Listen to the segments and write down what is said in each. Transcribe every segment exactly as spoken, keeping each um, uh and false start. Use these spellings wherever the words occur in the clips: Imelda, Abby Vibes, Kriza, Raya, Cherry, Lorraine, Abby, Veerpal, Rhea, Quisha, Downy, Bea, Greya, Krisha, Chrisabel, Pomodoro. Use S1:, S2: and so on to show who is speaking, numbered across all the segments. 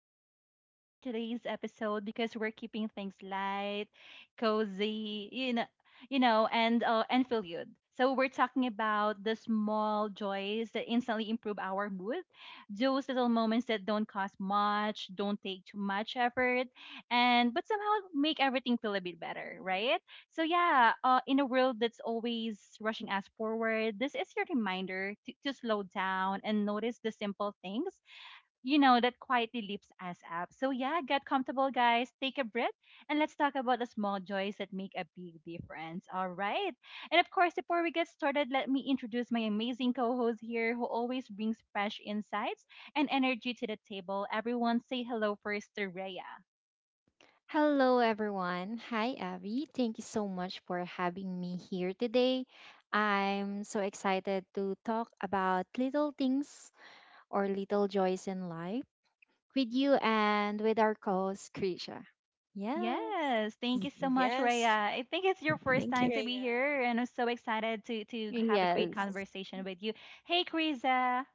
S1: I'm so excited for today's episode because we're keeping things light, cozy, you know, you know, and uh, and feel good. So we're talking about the small joys that instantly improve our mood, those little moments that don't cost much, don't take too much effort, and but somehow make everything feel a bit better, right? So yeah, uh, in a world that's always rushing us forward, this is your reminder to, to slow down and notice the simple things, you know, that quietly lifts us up. So yeah, get comfortable, guys. Take a breath, and let's talk about the small joys that make a big difference. All right. And of course, before we get started, let me introduce my amazing co-host here, who always brings fresh insights and energy to the table. Everyone, say hello first to Rhea.
S2: Hello, everyone. Hi, Abby. Thank you so much for having me here today. I'm so excited to talk about little things or little joys in life with you and with our co host, Krisha. Yes,
S1: Yes, thank you
S3: Mhm.
S1: so much,
S3: Yes.
S1: Raya. I think it's your first
S3: Thank you,
S1: time to be
S3: Rhea.
S1: here, and I'm so excited to to have a great
S2: yes,
S1: conversation with you. Hey, Kriza.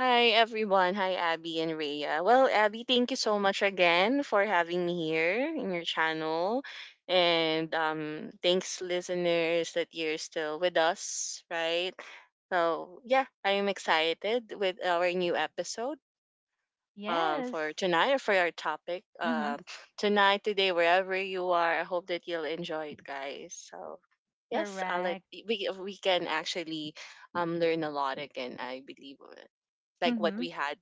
S3: Hi, everyone. Hi, Abby and Rhea. Well, Abby, thank you so much again for having me here in your channel. And um, thanks, listeners, that you're still with us, right? So, yeah, I am excited with our new episode. Um, for
S1: Yes.
S3: tonight or for our topic.
S1: Mm-hmm.
S3: Um, tonight, today, wherever you are, I hope that you'll enjoy it, guys. So, yes, I'll let,
S1: Correct.
S3: we, we can actually um, learn a lot again, I believe, uh, like what
S1: Mm-hmm.
S3: we had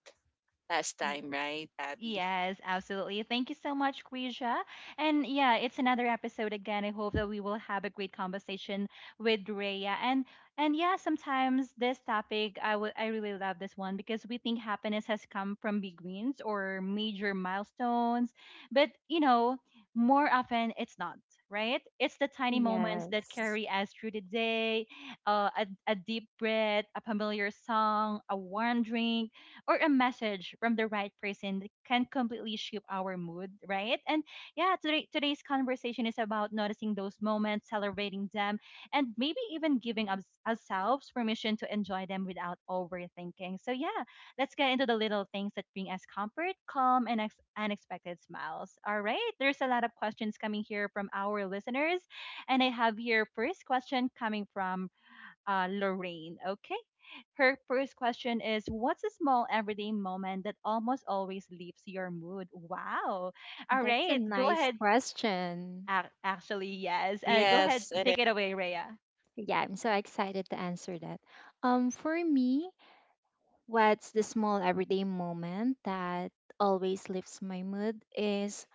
S3: last time, right, Abby?
S1: Yes, absolutely. Thank you so much, Quisha. And yeah, it's another episode again. I hope that we will have a great conversation with Rhea. And and yeah, sometimes this topic I would I really love this one because we think happiness has come from big wins or major milestones, but you know, more often it's not, right? It's the tiny moments that
S2: yes.
S1: carry us through the day, uh, a, a deep breath, a familiar song, a warm drink or a message from the right person that can completely shape our mood, right? And yeah, today today's conversation is about noticing those moments, celebrating them, and maybe even giving us, ourselves permission to enjoy them without overthinking. So yeah, let's get into the little things that bring us comfort, calm, and ex- unexpected smiles. All right, there's a lot of questions coming here from our listeners, and I have here first question coming from uh, Lorraine. Okay. Her first question is, what's a small everyday moment that almost always lifts your mood? Wow. All
S2: That's a
S1: right. Go
S2: nice
S1: ahead.
S2: question.
S1: Ac- Actually, yes. Uh, go ahead.
S3: Yes, it
S1: Take
S3: is.
S1: it away, Rhea.
S2: Yeah, I'm so excited to answer that. Um, for me, what's the small everyday moment that always lifts my mood is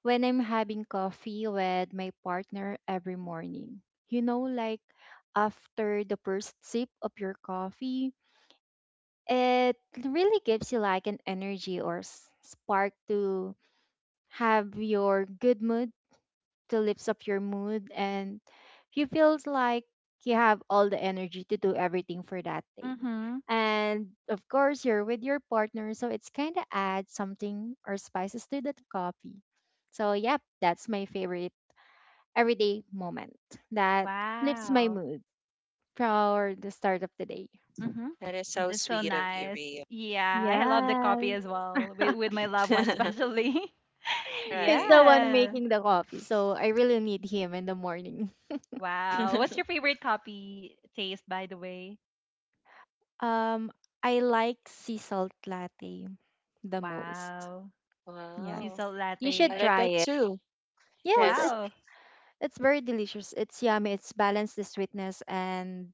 S2: when I'm having coffee with my partner every morning. You know, like after the first sip of your coffee, it really gives you like an energy or s- spark to have your good mood, to lift up your mood, and you feel like you have all the energy to do everything for that day.
S1: Mm-hmm.
S2: And of course, you're with your partner, so it's kind of add something or spices to that coffee. So, yep, that's my favorite everyday moment that lifts my
S1: Wow.
S2: mood for the start of the day.
S1: Mm-hmm.
S3: That is so
S1: That's so
S3: sweet of you,
S1: nice.
S3: Rio.
S1: Yeah. I love the copy
S2: Yes.
S1: as well with, with my loved one, especially.
S2: He's
S3: Right.
S2: the one
S1: Yeah.
S2: making the coffee, so I really need him in the morning.
S1: Wow. What's your favorite coffee taste, by the way?
S2: Um, I like sea salt latte the most.
S1: Wow.
S2: Yes.
S1: Sea
S3: Wow.
S1: salt latte.
S2: You should
S3: I
S1: I-
S3: like
S2: try
S3: that
S2: it.
S3: too.
S2: Yes,
S3: Yes.
S2: it's
S1: Wow.
S2: it's very delicious. It's yummy. It's balanced the sweetness and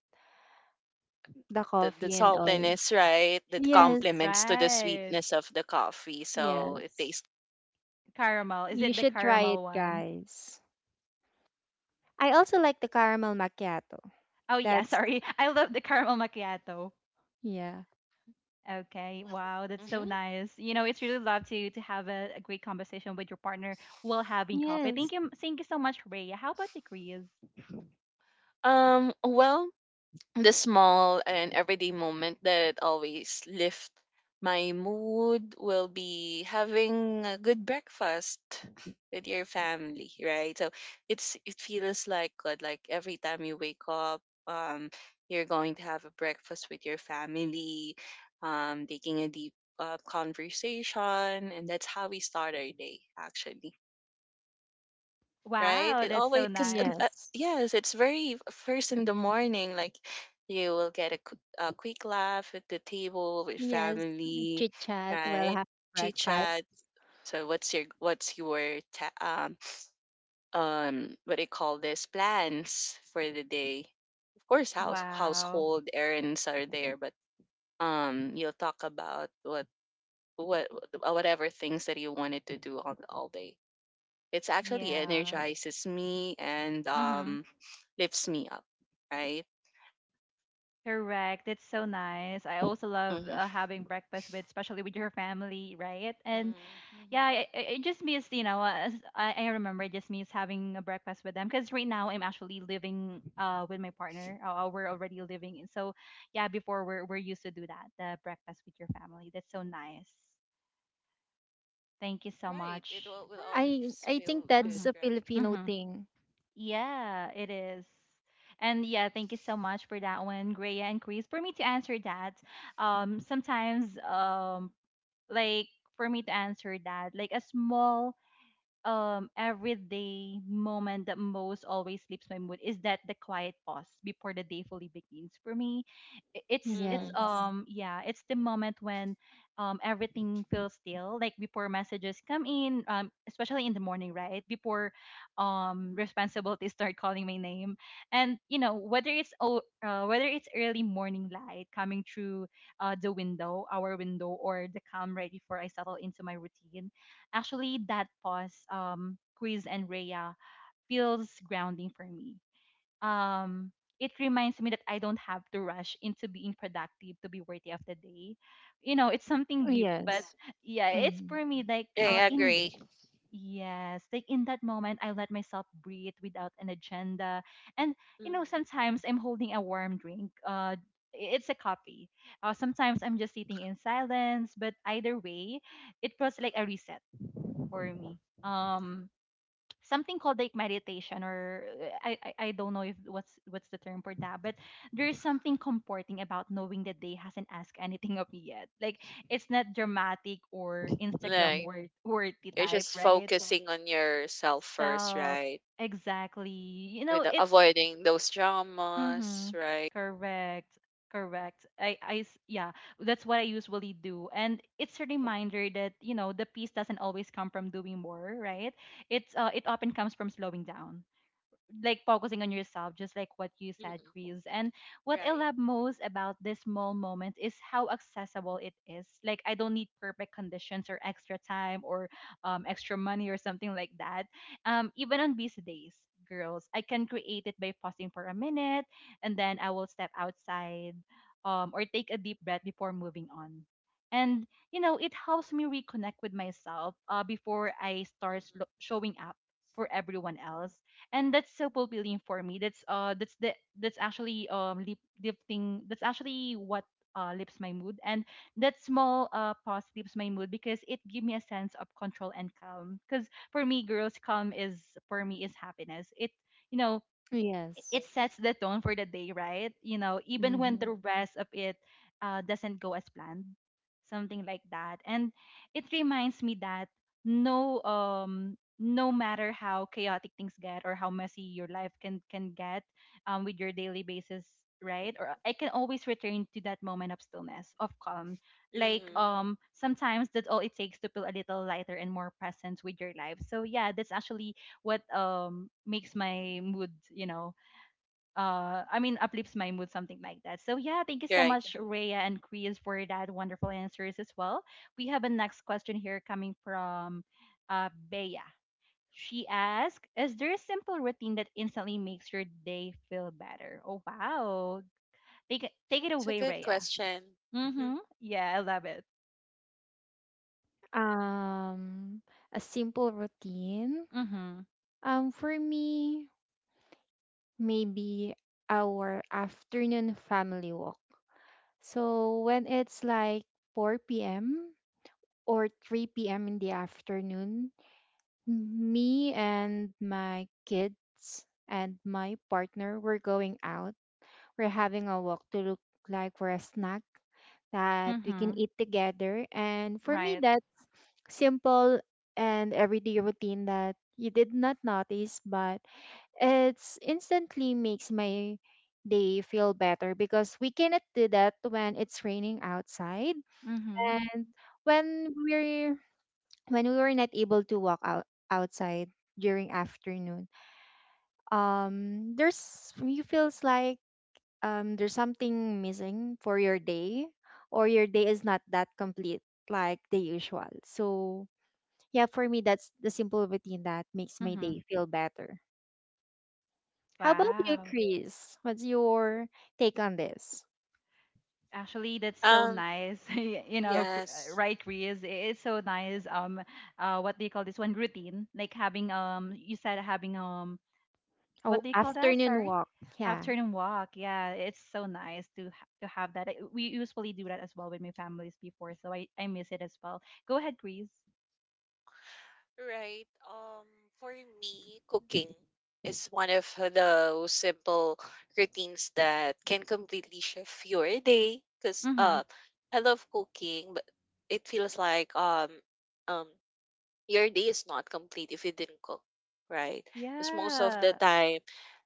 S2: the
S3: The, the
S2: coffee and all.
S3: saltiness, right? The
S2: Yes.
S3: compliments to the
S1: Right.
S3: sweetness of the coffee. So it
S2: Yes.
S3: tastes.
S1: Caramel. Is
S2: You
S1: it the
S2: should try it,
S1: caramel one?
S2: guys. I also like the caramel macchiato.
S1: Oh yeah,
S2: That's
S1: sorry. I love the caramel macchiato.
S2: yeah.
S1: Okay. Wow, that's so
S3: Mhm.
S1: nice. You know, it's really love to to have a, a great conversation with your partner while having coffee. Thank
S2: Yes,
S1: you thank you so much, Rhea. How about you, Chris?
S3: Um, well, the small and everyday moment that always lift my mood will be having a good breakfast with your family, right? So it's it feels like good. Like every time you wake up, um, you're going to have a breakfast with your family, um, taking a deep uh, conversation, and that's how we start our day, actually, right?
S1: Wow,
S3: It
S1: that's
S3: always,
S1: so
S3: because
S1: nice.
S3: uh,
S2: yes,
S3: yes, it's very first in the morning. Like you will get a, qu- a quick laugh at the table with
S2: yes.
S3: family,
S2: Chit chat while
S3: right?
S2: having
S3: Chit chat.
S2: breakfast.
S3: So what's your what's your ta- um um what do you call this, plans for the day? Of course, house
S1: Wow.
S3: household errands are there, but um you'll talk about what what uh, whatever things that you wanted to do all, all day. It's actually
S1: Yeah.
S3: energizes me and
S1: Mm-hmm.
S3: um lifts me up, right?
S1: Correct. That's so nice. I also love uh,
S3: Mm-hmm.
S1: having breakfast with, especially with your family, right? And yeah,
S3: Mm-hmm.
S1: I, I I just miss, you know, uh, s- I, I remember I just miss having a breakfast with them because right now I'm actually living uh with my partner. Uh, uh, we're already living in. So, yeah, before we're, we're used to do that, the breakfast with your family. That's so nice. Thank you so
S3: Right. It
S1: much.
S3: will, will
S2: I
S3: always
S2: I think
S3: feel good,
S2: that's
S1: Mm-hmm.
S2: a
S3: right?
S2: Filipino
S1: Mm-hmm.
S2: thing.
S1: Yeah, it is. And yeah, thank you so much for that one, Greya and Chris. For me to answer that, um, sometimes, um, like, for me to answer that, like a small um everyday moment that most always lifts my mood is that the quiet pause before the day fully begins for me, I- it's it's
S3: Mm-hmm.
S1: Yeah.
S2: Yes,
S1: um yeah, it's the moment when um everything feels still, like before messages come in, um especially in the morning, right before um responsibilities start calling my name. And you know, whether it's oh uh, whether it's early morning light coming through uh the window, our window, or the calm right before I settle into my routine. Actually, that pause, um, Chris and Rhea, feels grounding for me. Um, it reminds me that I don't have to rush into being productive to be worthy of the day. You know, it's something deep, but
S2: yes,
S1: yeah, it's
S2: mm,
S1: for me like uh,
S3: I
S1: in
S3: agree.
S1: yes, like in that moment, I let myself breathe without an agenda, and you know,
S3: Mm-hmm.
S1: sometimes I'm holding a warm drink. Uh, it's a coffee. Uh, sometimes I'm just sitting in silence, but either way, it was like a reset for me. Um, something called like meditation, or uh, I, I I don't know if what's what's the term for that, but there's something comforting about knowing that they hasn't asked anything of me yet. Like it's not dramatic or Instagram
S3: Like
S1: worth worthy
S3: you're
S1: type,
S3: just
S1: right?
S3: focusing on yourself first,
S1: So
S3: right?
S1: exactly, you know,
S3: With
S1: it's
S3: avoiding those
S1: Mm-hmm.
S3: dramas, right?
S1: Correct. Correct. I, I, s- yeah, that's what I usually do. And it's a reminder that, you know, the peace doesn't always come from doing more, right? It's, uh, it often comes from slowing down, like focusing on yourself, just like what you said,
S3: Mm-hmm.
S1: Chris. And what I
S3: Right.
S1: love most about this small moment is how accessible it is. Like I don't need perfect conditions or extra time or um, extra money or something like that. Um, even on busy days, girls, I can create it by pausing for a minute, and then I will step outside, um, or take a deep breath before moving on. And you know, it helps me reconnect with myself uh, before I start slo- showing up for everyone else, and that's so fulfilling for me. That's uh that's the that's actually um lip lifting. That's actually what uh, lifts my mood. And that small uh pause lifts my mood because it gives me a sense of control and calm, because for me, girls, calm is for me is happiness. It you know
S2: yes.
S1: it sets the tone for the day, right? You know, even when
S2: Hmm.
S1: the rest of it uh, doesn't go as planned, something like that. And it reminds me that no, um, no matter how chaotic things get or how messy your life can can get, um, with your daily basis, right? Or I can always return to that moment of stillness, of calm.
S3: Mm-hmm.
S1: Like
S3: Mm-hmm.
S1: um, sometimes that's all it takes to feel a little lighter and more present with your life. So yeah, that's actually what um makes my mood, you know, uh I mean, uplifts my mood, something like that. So yeah, thank you so
S3: Right.
S1: much, Rhea and Chris, for that wonderful answers as well. We have a next question here coming from uh Bea. She asked, is there a simple routine that instantly makes your day feel better? Oh wow. Take it take it
S3: It's a
S1: away,
S3: good
S1: Rhea.
S3: question. Mhm.
S1: Mm-hmm. Yeah, I love it.
S2: Um, a simple routine.
S1: Mm-hmm.
S2: Um, for me, maybe our afternoon family walk. So when it's like four p m or three p m in the afternoon, me and my kids and my partner, were going out. We're having a walk to look like for a snack that we can
S1: Mm-hmm.
S2: eat together. And for me,
S1: Right.
S2: that simple and everyday routine that you did not notice, but it's instantly makes my day feel better because we cannot do that when it's raining outside,
S1: Mm-hmm.
S2: and when we're when we were not able to walk out outside during afternoon. Um there's you feels like um there's something missing for your day, or your day is not that complete like the usual. So yeah, for me, that's the simple routine that makes my
S1: Mm-hmm.
S2: day feel better. How about you,
S1: Wow.
S2: Chris? What's your take on this?
S1: Actually, that's so
S3: Um.
S1: nice. Y- you know, cr- uh,
S3: Yes.
S1: right, Chris? I- It's so nice. Um, uh, what do you call this one? Routine, like having um, you said having um,
S2: Oh,
S1: what do you call that?
S2: afternoon
S1: Sorry,
S2: walk. Yeah.
S1: afternoon walk. Yeah, it's so nice to ha- to have that. I- We usually do that as well with my families before, so I I miss it as well. Go ahead, Chris.
S3: Right. Um, for me, cooking is one of those simple routines that can completely shift your day. Cause
S1: Mm-hmm.
S3: uh, I love cooking, but it feels like um, um, your day is not complete if you didn't cook, right? Because most of the
S1: Yeah.
S3: time,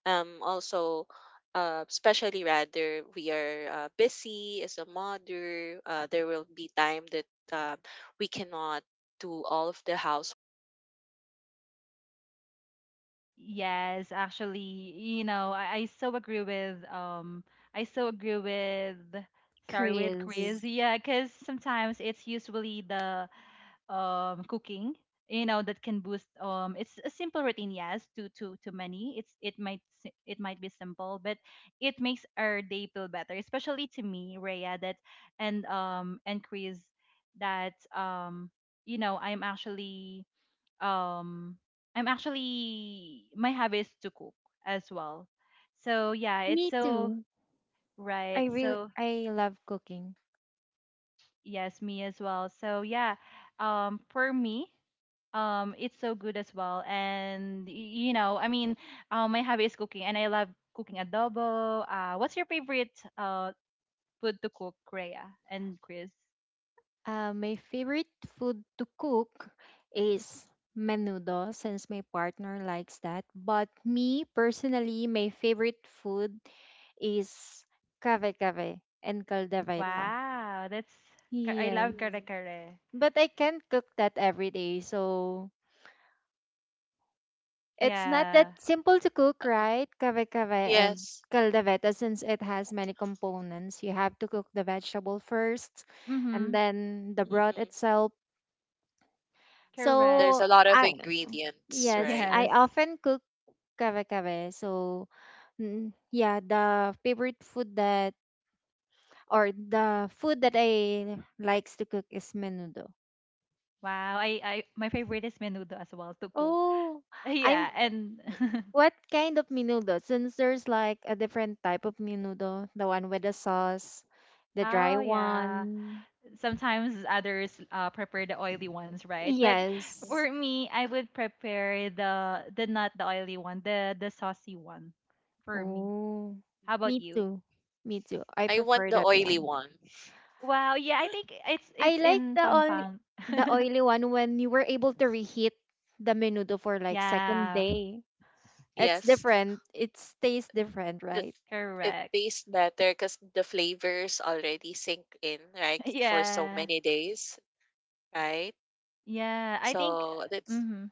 S3: um, also, uh, especially rather we are uh, busy as a mother. Uh, there will be time that uh, we cannot do all of the household.
S1: Yes, actually, you know, I, I so agree with um I so agree with, sorry with, Mm.
S2: Chris,
S1: Chris. Yeah, because sometimes it's usually the um cooking, you know, that can boost. um it's a simple routine, yes, to to to many. It's it might s- it might be simple, but it makes our day feel better, especially to me, Rhea, that, and um and Chris, that um you know, I'm actually um I'm actually, my hobby is to cook as well. So yeah, it's
S2: me
S1: so
S2: too.
S1: right.
S2: i really
S1: So
S2: I love cooking.
S1: yes, me as well. So yeah, um for me, um it's so good as well. And y- you know, I mean, um my hobby is cooking and I love cooking adobo. Uh what's your favorite uh food to cook, Rhea and Chris?
S2: Uh, my favorite food to cook is menudo since my partner likes that. But me personally, my favorite food is kave kave and caldereta.
S1: Wow, that's ka- I love
S2: Yes.
S1: kare mm kare.
S2: But I can't cook that every day, so it's not that
S1: Yeah.
S2: simple to cook, right? Kave kave and
S3: Yes.
S2: caldereta, since it has many components. You have to cook the vegetable first and
S1: Mhm.
S2: then the broth
S3: Hmm.
S2: itself.
S1: Correct.
S3: There's
S2: So
S3: a lot of
S2: I
S3: ingredients,
S2: yes,
S3: right?
S2: I
S1: Yes.
S2: often cook kare-kare. So mm, yeah, the favorite food that or the food that I likes to cook is menudo.
S1: Wow, I, I my favorite is menudo as well to cook.
S2: Oh, I'm
S1: Yeah, and
S3: Mm.
S2: what kind of menudo? Since there's like a different type of menudo, the one with the sauce, the dry
S1: oh yeah,
S2: one.
S1: sometimes others uh, prepare the oily ones, right? But
S2: Yes.
S1: for me, I would prepare the the not the oily one, the the saucy one for me.
S2: Oh,
S1: How about
S2: me
S1: you?
S2: too. Me too. I
S3: I want
S2: prefer
S3: the
S2: that
S3: oily
S2: one.
S3: one.
S1: Wow, yeah, I think it's
S2: I
S1: it's
S2: like
S1: in
S2: the only
S1: Pampang.
S2: the oily one when you were able to reheat the menudo for like second
S1: Yeah,
S2: day. It's
S3: Yes.
S2: different. It tastes different,
S3: That
S2: right?
S3: it
S1: correct.
S3: tastes better because the flavors already sink in, like for so
S1: Yeah.
S3: many days, right?
S1: Yeah, I think
S3: So
S1: uh,
S3: that's
S1: mhm.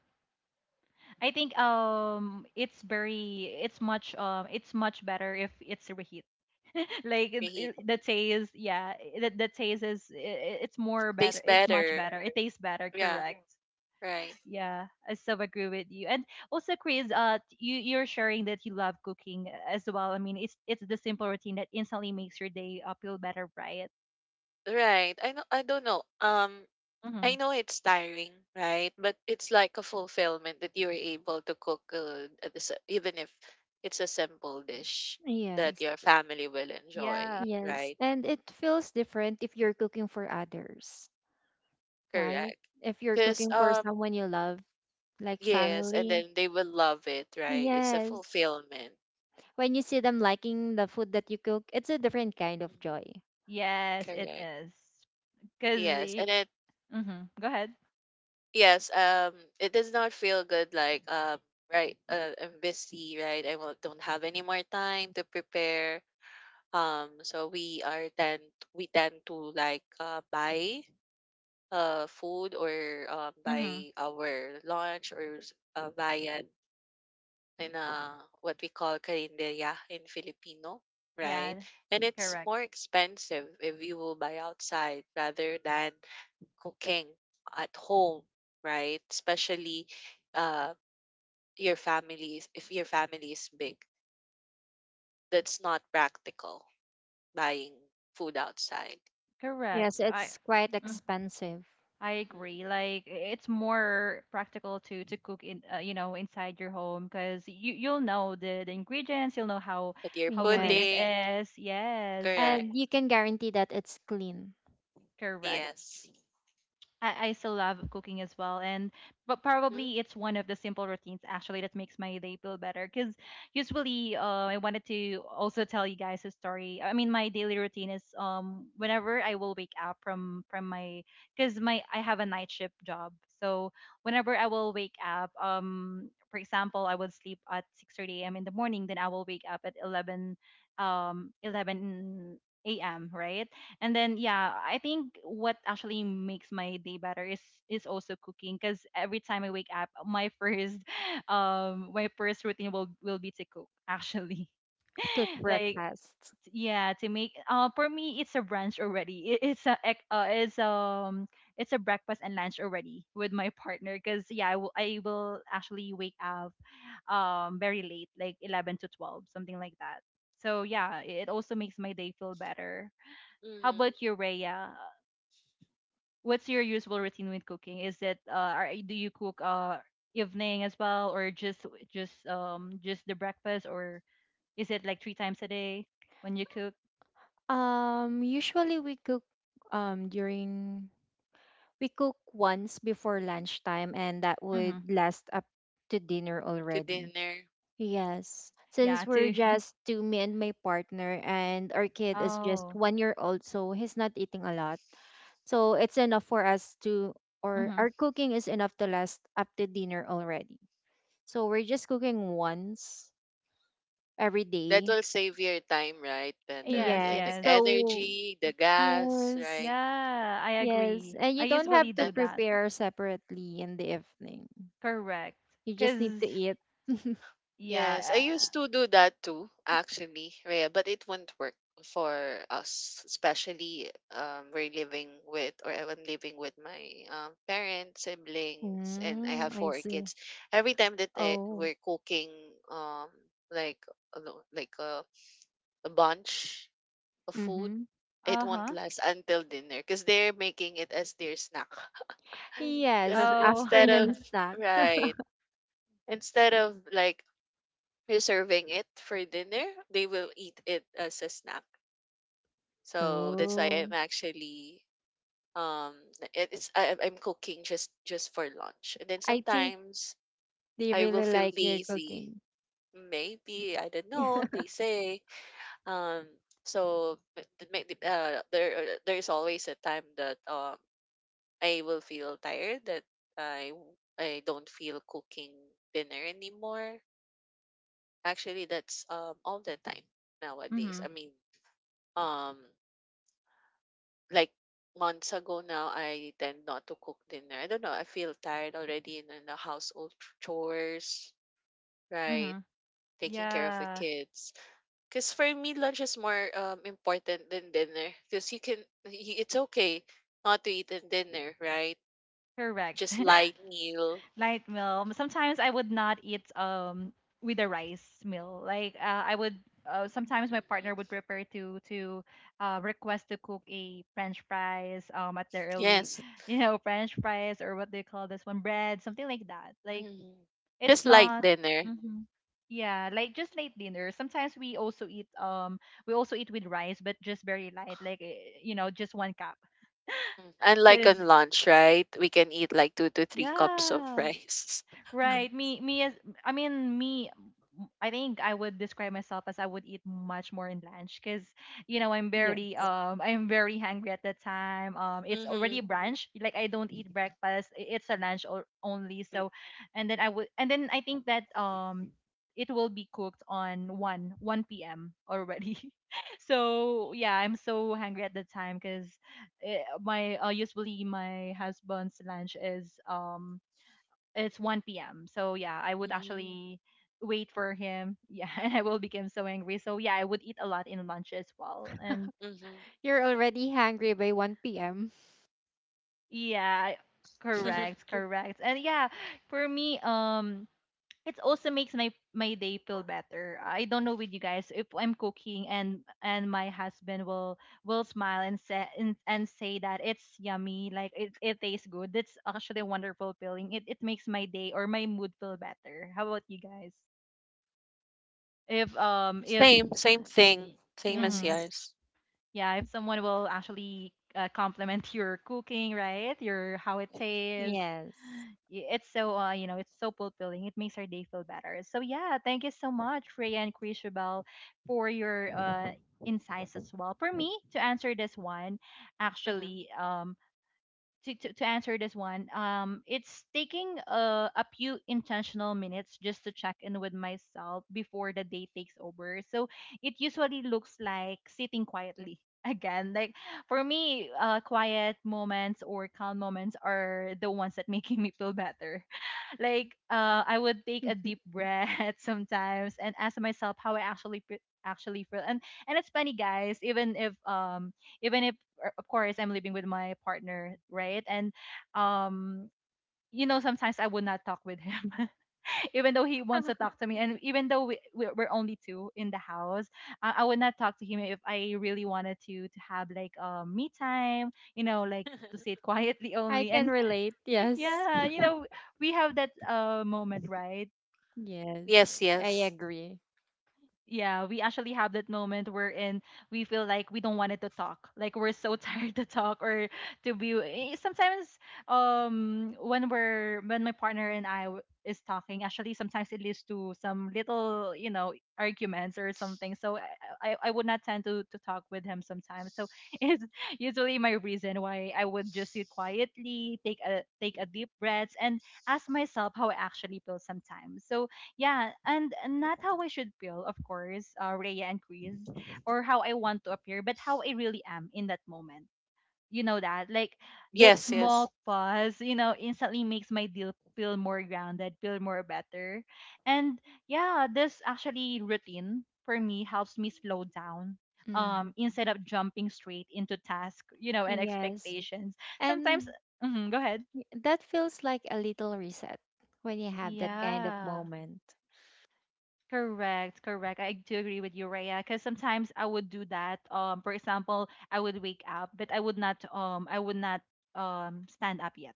S1: I think um it's very, it's much um it's much better if it's reheat. like it-
S3: preheat.
S1: it- the taste, yeah, eh, the, the taste is i- i- it's more better.
S3: Tastes
S1: It's much
S3: better.
S1: better. It tastes better,
S3: Yeah,
S1: correct?
S3: right.
S1: Yeah, I so agree with you. And also, Chris, uh, t- you you're sharing that you love cooking uh, as well. I mean, it's it's the simple routine that instantly makes your day uh, feel better, right?
S3: Right. I know I don't know. Um
S1: Mm-hmm.
S3: I know it's tiring, right? But it's like a fulfillment that you're able to cook, uh, at the, even if it's a simple dish that
S2: Yes.
S3: your family will enjoy,
S1: Yeah.
S2: Yes.
S3: right?
S2: And it feels different if you're cooking for others, right?
S3: Correct.
S2: If you're
S3: Because,
S2: cooking for
S3: um,
S2: someone you love, like
S3: yes, and
S2: family.
S3: then they will love it, right? It's a
S2: Yes.
S3: fulfillment.
S2: When you see them liking the food that you cook, it's a different kind of
S3: Mhm.
S2: joy.
S1: Yes, it
S3: Correct.
S1: is. Cause,
S3: Yes,
S1: y-
S3: and it,
S1: mhm. Go ahead.
S3: yes, um, it does not feel good like, um, right, uh, I'm busy, right? I will, don't have any more time to prepare. Um, so we are tend we tend to like uh, buy uh food or uh,
S1: Mhm.
S3: buy our lunch or s- uh, viand in uh what we call karinderya in Filipino, right?
S1: Yeah.
S3: And it's
S1: Correct.
S3: more expensive if you will buy outside rather than cooking at home, right? Especially uh your families, if your family is big, that's not practical buying food outside.
S2: Yes,
S1: Correct. I
S2: it's quite
S1: Mm.
S2: expensive.
S1: I agree. Like i- it's more practical to to cook in uh, you know inside your home, because you you'll know the, the ingredients. You'll know how
S3: That you're
S1: how clean it
S2: Yes.
S3: putting,
S1: is. Yes, y-
S3: correct,
S1: yeah.
S2: And you can guarantee that it's clean.
S1: Correct.
S3: yes.
S1: I, I still love cooking as well, and but
S3: Mhm,
S1: probably it's one of the simple routines actually that makes my day feel better, because usually, uh, I wanted to also tell you guys a story. I mean, my daily routine is, um whenever I will wake up from from my because my, I have a night shift job, so whenever I will wake up, um for example, I would sleep at six thirty a m in the morning, then I will wake up at eleven, um eleven a.m, right? And then yeah, I think what actually makes my day better is is also cooking, because every time I wake up, my first um my first routine will will be to cook actually.
S2: Cook
S1: Like,
S2: breakfasts?
S1: yeah, to make, uh for me it's a brunch already. It, it's a ec- uh, it's um it's a breakfast and lunch already with my partner, because yeah, I will, I will actually wake up, um very late, like eleven to twelve, something like that. So yeah, it also makes my day feel better. How
S3: mhm,
S1: about you, Rhea? What's your usual routine with cooking? Is it, uh, are, do you cook, uh evening as well, or just, just um just the breakfast, or is it like three times a day when you cook?
S2: Um, usually we cook um during we cook once before lunchtime and that would
S1: Mm-hmm.
S2: last up to dinner
S3: to
S2: already.
S3: dinner. Mm.
S2: Yes,
S1: Yeah,
S2: since we're
S1: too.
S2: just two, me and my partner and our kid is just
S1: Oh.
S2: one year old, so he's not eating a lot. So it's enough for us to or
S1: Mm-hmm.
S2: our cooking is enough to last up to dinner already. So we're just cooking once every
S3: That
S2: day.
S3: will save your time, right? The
S1: Yes,
S3: the the
S2: Yes.
S1: yes.
S2: So
S3: energy, the gas,
S2: yes.
S3: right?
S1: Yeah, I
S2: Yes,
S1: agree.
S2: and
S1: I
S2: you don't have
S1: usually
S2: to
S3: Then
S1: do that.
S2: prepare separately in the evening.
S1: Correct.
S2: You just need to
S1: Cause
S2: eat.
S3: yes, I
S1: yeah.
S3: used to do that too, actually, Rhea, but it won't work for us, especially um we're living with, or I'm living with my um parents, siblings, and I
S2: Mm,
S3: have
S2: I
S3: four
S2: see.
S3: kids. Every time that I,
S2: Oh.
S3: we're cooking um like ano, like a a bunch of food,
S2: Mm-hmm.
S1: Uh,
S3: it won't
S1: uh-huh.
S3: last until dinner because they're making it as their snack. Uh,
S2: Yes,
S1: Oh.
S3: instead of,
S2: afternoon snack.
S3: right, instead of like reserving it for dinner, they will eat it as a snack. So that's why I'm
S2: Oh.
S3: actually um it- it's I, I'm cooking just just for lunch. And then
S2: I think
S3: sometimes
S2: they
S3: I will
S2: really
S3: feel
S2: like your
S3: lazy.
S2: cooking.
S3: Maybe I don't know, they say. Um, so but the make the- uh, there uh, there is always a time that um I will feel tired that I w- I don't feel cooking dinner anymore. Actually, that's um all the time nowadays.
S1: Mm-hmm.
S3: I mean, um like months ago, now I tend not to cook dinner. I don't know, I feel tired already in, in the household chores, right?
S1: Mm-hmm.
S3: Taking care of the
S1: Yeah.
S3: kids. Because for me, lunch is more um, important than dinner. Because you can, y- it's okay not to eat in dinner, right?
S1: Correct.
S3: Just light meal.
S1: Light meal. Sometimes I would not eat, um with a rice meal. Like, uh, I would, uh, sometimes my partner would
S3: Mhm.
S1: prepare to to uh, request to cook a French fries, um at the early,
S3: Yes.
S1: you know, French fries, or what they call this one bread, something like that. Like,
S3: Mhm.
S1: it's
S3: Just light
S1: not.
S3: dinner.
S1: Hmm. Yeah, like just late dinner. Sometimes we also eat, um we also eat with rice, but just very light, like, eh, you know, just one cup.
S3: Mm. Unlike on
S1: Cause
S3: lunch, right? We can eat like two to three cups of
S1: yeah.
S3: rice.
S1: Right.
S2: Yes.
S1: Me me as I mean me I think I would describe myself as I would eat much more in lunch, because you know I'm very,
S2: Yes.
S1: um I'm very hungry at that time. Um it's already
S3: Mm-hmm.
S1: brunch. Like, I don't eat breakfast. i- It's a lunch or only. So, and then I would and then I think that, um it will be cooked on one one p m already. So yeah, I'm so hungry at the time, because my uh, usually my husband's lunch is, um it's one p m. So yeah, I would
S3: Mm-hmm.
S1: actually wait for him. Yeah, and I will become so angry. So yeah, I would eat a lot in lunch as well. And
S3: Mm-hmm.
S2: You're already hungry by one p m.
S1: yeah, correct, correct. And yeah, for me, um, it also makes my my day feel better. I don't know with you guys, if I'm cooking and, and my husband will will smile and say, and, and say that it's yummy, like, it, it tastes good. That's actually a wonderful feeling. It it makes my day or my mood feel better. How about you guys? If um if
S3: same, same thing. Same as
S1: mm
S2: Yes.
S3: yours.
S1: Yeah, if someone will actually, uh, compliment your cooking, right, your how it tastes.
S2: Yes.
S1: Y- it's so, uh, you know, it's so fulfilling. It makes our day feel better. So yeah, thank you so much, Freya and Chrisabel, for your, uh insights as well, for me to answer this one
S3: Mhm.
S1: actually. Um to, to, to answer this one, um, it's taking a, a few intentional minutes just to check in with myself before the day takes over. So it usually looks like sitting quietly again. Like for me, uh, quiet moments or calm moments are the ones that making me feel better, like, uh, I would take a deep breath sometimes and ask myself how I actually, fe- actually feel. And, and it's funny, guys. Even if um even if, uh, of course, I'm living with my partner, right? And, um you know, sometimes I would not talk with him. Even though he wants to talk to me, and even though, we, we're we're only two in the house, I, I would not talk to him if I really wanted to to have, like, um me time, you know, like to sit quietly
S2: I
S1: only.
S2: can
S1: And
S2: relate. Yes.
S1: yeah, you know, we have that, uh moment, right?
S2: Yes.
S3: yes,
S2: I
S3: yes.
S2: agree.
S1: Yeah, we actually have that moment, wherein we feel like we don't wanted to talk. Like we're so tired to talk, or to be, eh, sometimes, um when, we're when my partner and I, w- is talking, actually sometimes it leads to some little, you know, arguments or something. So I I, I would not tend to to talk with him sometimes. So it's usually my reason why I would just sit quietly, take a take a deep breath, and ask myself how I actually feel sometimes. So yeah, and not how I should feel, of course, uh, Rhea and Chris, or how I want to appear, but how I really am in that moment. You know that? Like, that, yes,
S3: Yes, yes.
S1: small pause, you know, instantly makes my deal feel more grounded, feel more better. And yeah, this actually routine for me helps me slow down. Um,
S2: Mm.
S1: instead of jumping straight into task, you know, and
S2: Yes.
S1: expectations. Sometimes,
S2: And
S1: mhm, go ahead.
S2: that feels like a little reset when you have that kind of
S1: Yeah.
S2: moment.
S1: Correct, correct. I do agree with you, Raya, because sometimes I would do that. Um, for example, I would wake up, but I would not um I would not, um stand up yet.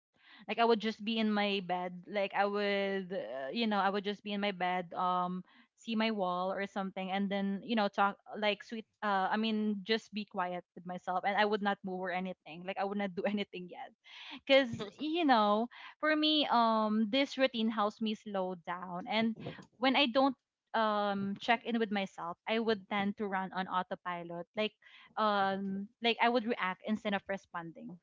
S1: Like I would just be in my bed. Like I would, uh, you know, I would just be in my bed. Um, see my wall or something, and then you know talk like sweet. Uh, I mean, just be quiet with myself, and I would not move or anything. Like I would not do anything yet, because you know, for me, um, this routine helps me slow down, and when I don't, um check in with myself, I would tend to run on autopilot, like, um like I would react instead of responding.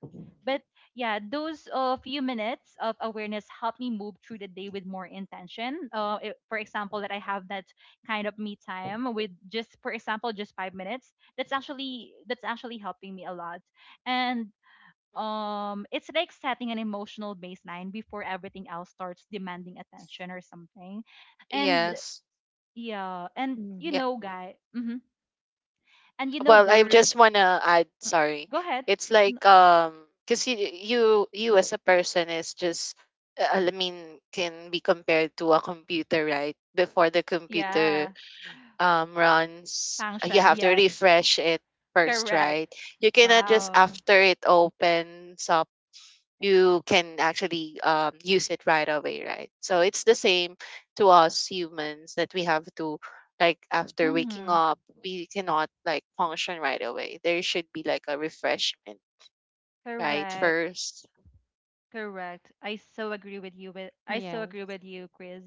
S1: But yeah, those, uh, few minutes of awareness help me move through the day with more intention. Uh, i- for example, that I have that kind of me time with, just for example, just five minutes, that's actually that's actually helping me a lot. And,
S3: Mhm.
S1: um it's like setting an emotional baseline before everything else starts demanding attention or something. And
S3: Yes.
S1: yeah, and you
S3: Yeah.
S2: Hmm.
S1: know, guy, hmm. And you know,
S3: Well, I
S1: girls.
S3: just wanna add.
S1: Mm,
S3: Sorry,
S1: go ahead.
S3: it's
S1: N-
S3: like um, cause you you you as a person is just, uh, I mean, can be compared to a computer, right? Before the computer
S1: Yeah,
S3: um, runs, uh, you
S1: function.
S3: have to
S1: Yes,
S3: refresh it first,
S1: correct.
S3: right? You cannot just
S1: Wow.
S3: after it opens up, you can actually um, use it right away, right? So it's the same to us humans that we have to, like, after waking
S1: Mm-hmm.
S3: up, we cannot like function right away. There should be like a refreshment, right?
S1: Correct.
S3: First.
S1: Correct. I so agree with you. With I so agree
S3: Mhm,
S2: Yes.
S1: with you, Chris.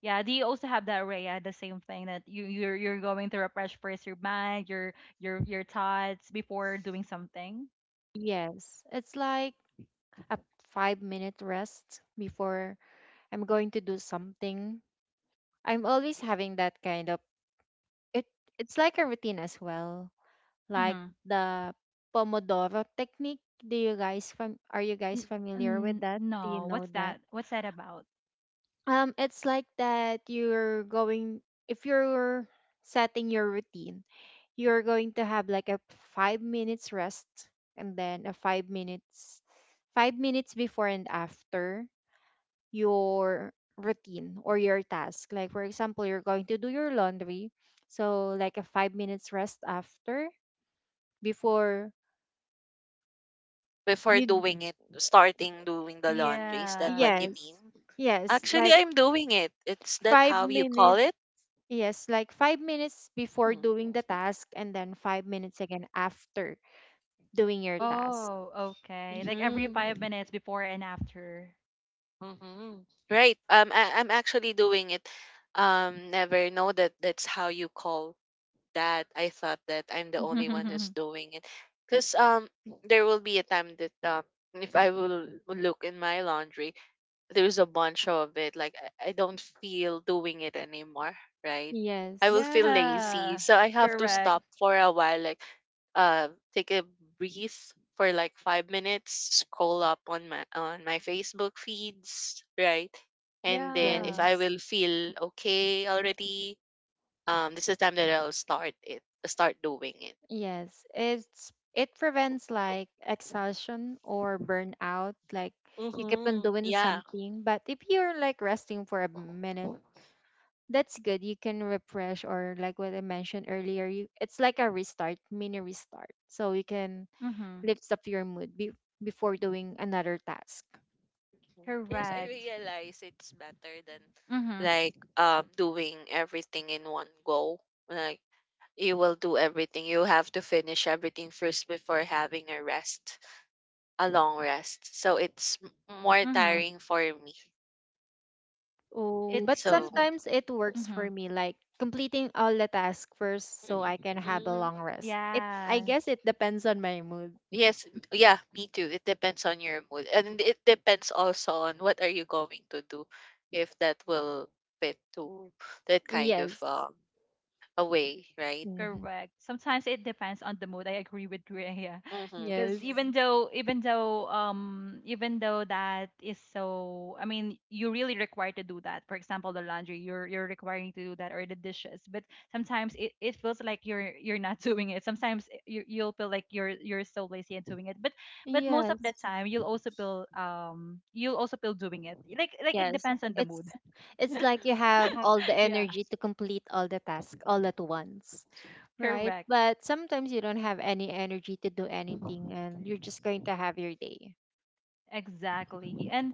S1: Yeah. Do you also have that, Raya? The same thing that you you're you're going to refresh first your mind, your your your
S3: mhm.
S1: thoughts before doing something.
S2: Yes. It's like a five minute rest before I'm going to do something. I'm always having that kind of it it's like a routine as well. Like
S1: Mm-hmm.
S2: the Pomodoro technique. Do you guys fam- are you guys
S1: N-
S2: familiar with
S1: n-
S2: that? Do you
S1: no.
S2: know
S1: What's
S2: that?
S1: that? What's that about?
S2: Um it's like that you're going if you're setting your routine, you're going to have like a five minutes rest, and then a five minutes five minutes before and after your routine or your task. Like for example, you're going to do your laundry, so like a five minutes rest after before
S3: Before
S2: you.
S3: doing it, starting doing the laundry, is that what
S1: Yeah.
S3: you
S2: Yes,
S3: mean?
S2: yes,
S3: Actually,
S2: like
S3: I'm doing it. It's that
S2: five
S3: how you call
S2: minutes
S3: it?
S2: Yes, like five minutes before
S3: Mm,
S2: doing the task, and then five minutes again after doing your task.
S1: Oh, okay. Like every
S3: mhm,
S1: five minutes before and after.
S3: mhm. Right. Um, I, I'm actually doing it. Um, never know that that's how you call that. I thought that I'm the only one who's doing it, because um, there will be a time that um, if I will look in my laundry, there's a bunch of it, like I, I don't feel doing it anymore, right. I will
S2: Yes,
S3: feel lazy,
S1: Yeah.
S3: so I have to
S1: Correct.
S3: stop for a while. Like uh take a breath for like five minutes, scroll up on my on my Facebook feeds, right? And then if
S1: Yeah.
S3: I
S2: yes.
S3: will feel okay already, um this is the time that i'll start it start doing it.
S2: Yes, it's it prevents like exhaustion or burnout. Like you keep on
S3: Mm-hmm.
S2: doing
S3: Yeah.
S2: something, but if you're like resting for a minute, that's good. You can refresh, or like what I mentioned earlier, you it's like a restart, mini restart. So you can
S1: Mm-hmm.
S2: lift up your mood be, before doing another task.
S3: Yes, I
S1: Correct.
S3: realize it's better than
S1: Mm-hmm.
S3: like um doing everything in one go. Like you will do everything. You have to finish everything first before having a rest, a long rest. So it's m- more
S1: Mm-hmm.
S3: tiring for me.
S2: Oh,
S1: It
S2: but
S3: So
S1: it's m-
S2: sometimes it works for
S1: Mm-hmm.
S2: me, like completing all the tasks first so
S3: mm,
S2: I can have a long
S3: mm,
S2: rest. It I
S1: Yeah.
S2: guess it depends on my mood.
S3: yes, m- yeah, me too. It depends on your mood, and it depends also on what are you going to do, if that will fit to that kind of
S2: Yes.
S3: um a way, right?
S2: Hmm.
S1: Correct. Sometimes it depends on the mood. I agree with Rhea.
S3: Mm-hmm.
S1: Because,
S2: Yes.
S1: even, mhm, though, even though um even though that is so, I mean, you really required to do that. For example, the laundry, you're you're requiring to do that, or the dishes. But sometimes, it, it feels like you're you're not doing it. Sometimes, it- you you'll feel like you're you're so lazy and doing it. But, but most of the
S2: Yes.
S1: time you'll also feel um you'll also feel doing it. Like like it
S2: Yes.
S1: depends on the mood.
S2: It's it's like you
S3: Mm-hmm.
S2: have all the
S1: Yeah.
S2: energy to complete all the tasks all at once, right?
S1: Correct.
S2: But sometimes you don't have any energy to do anything and you're just going to have your day.
S1: Exactly. And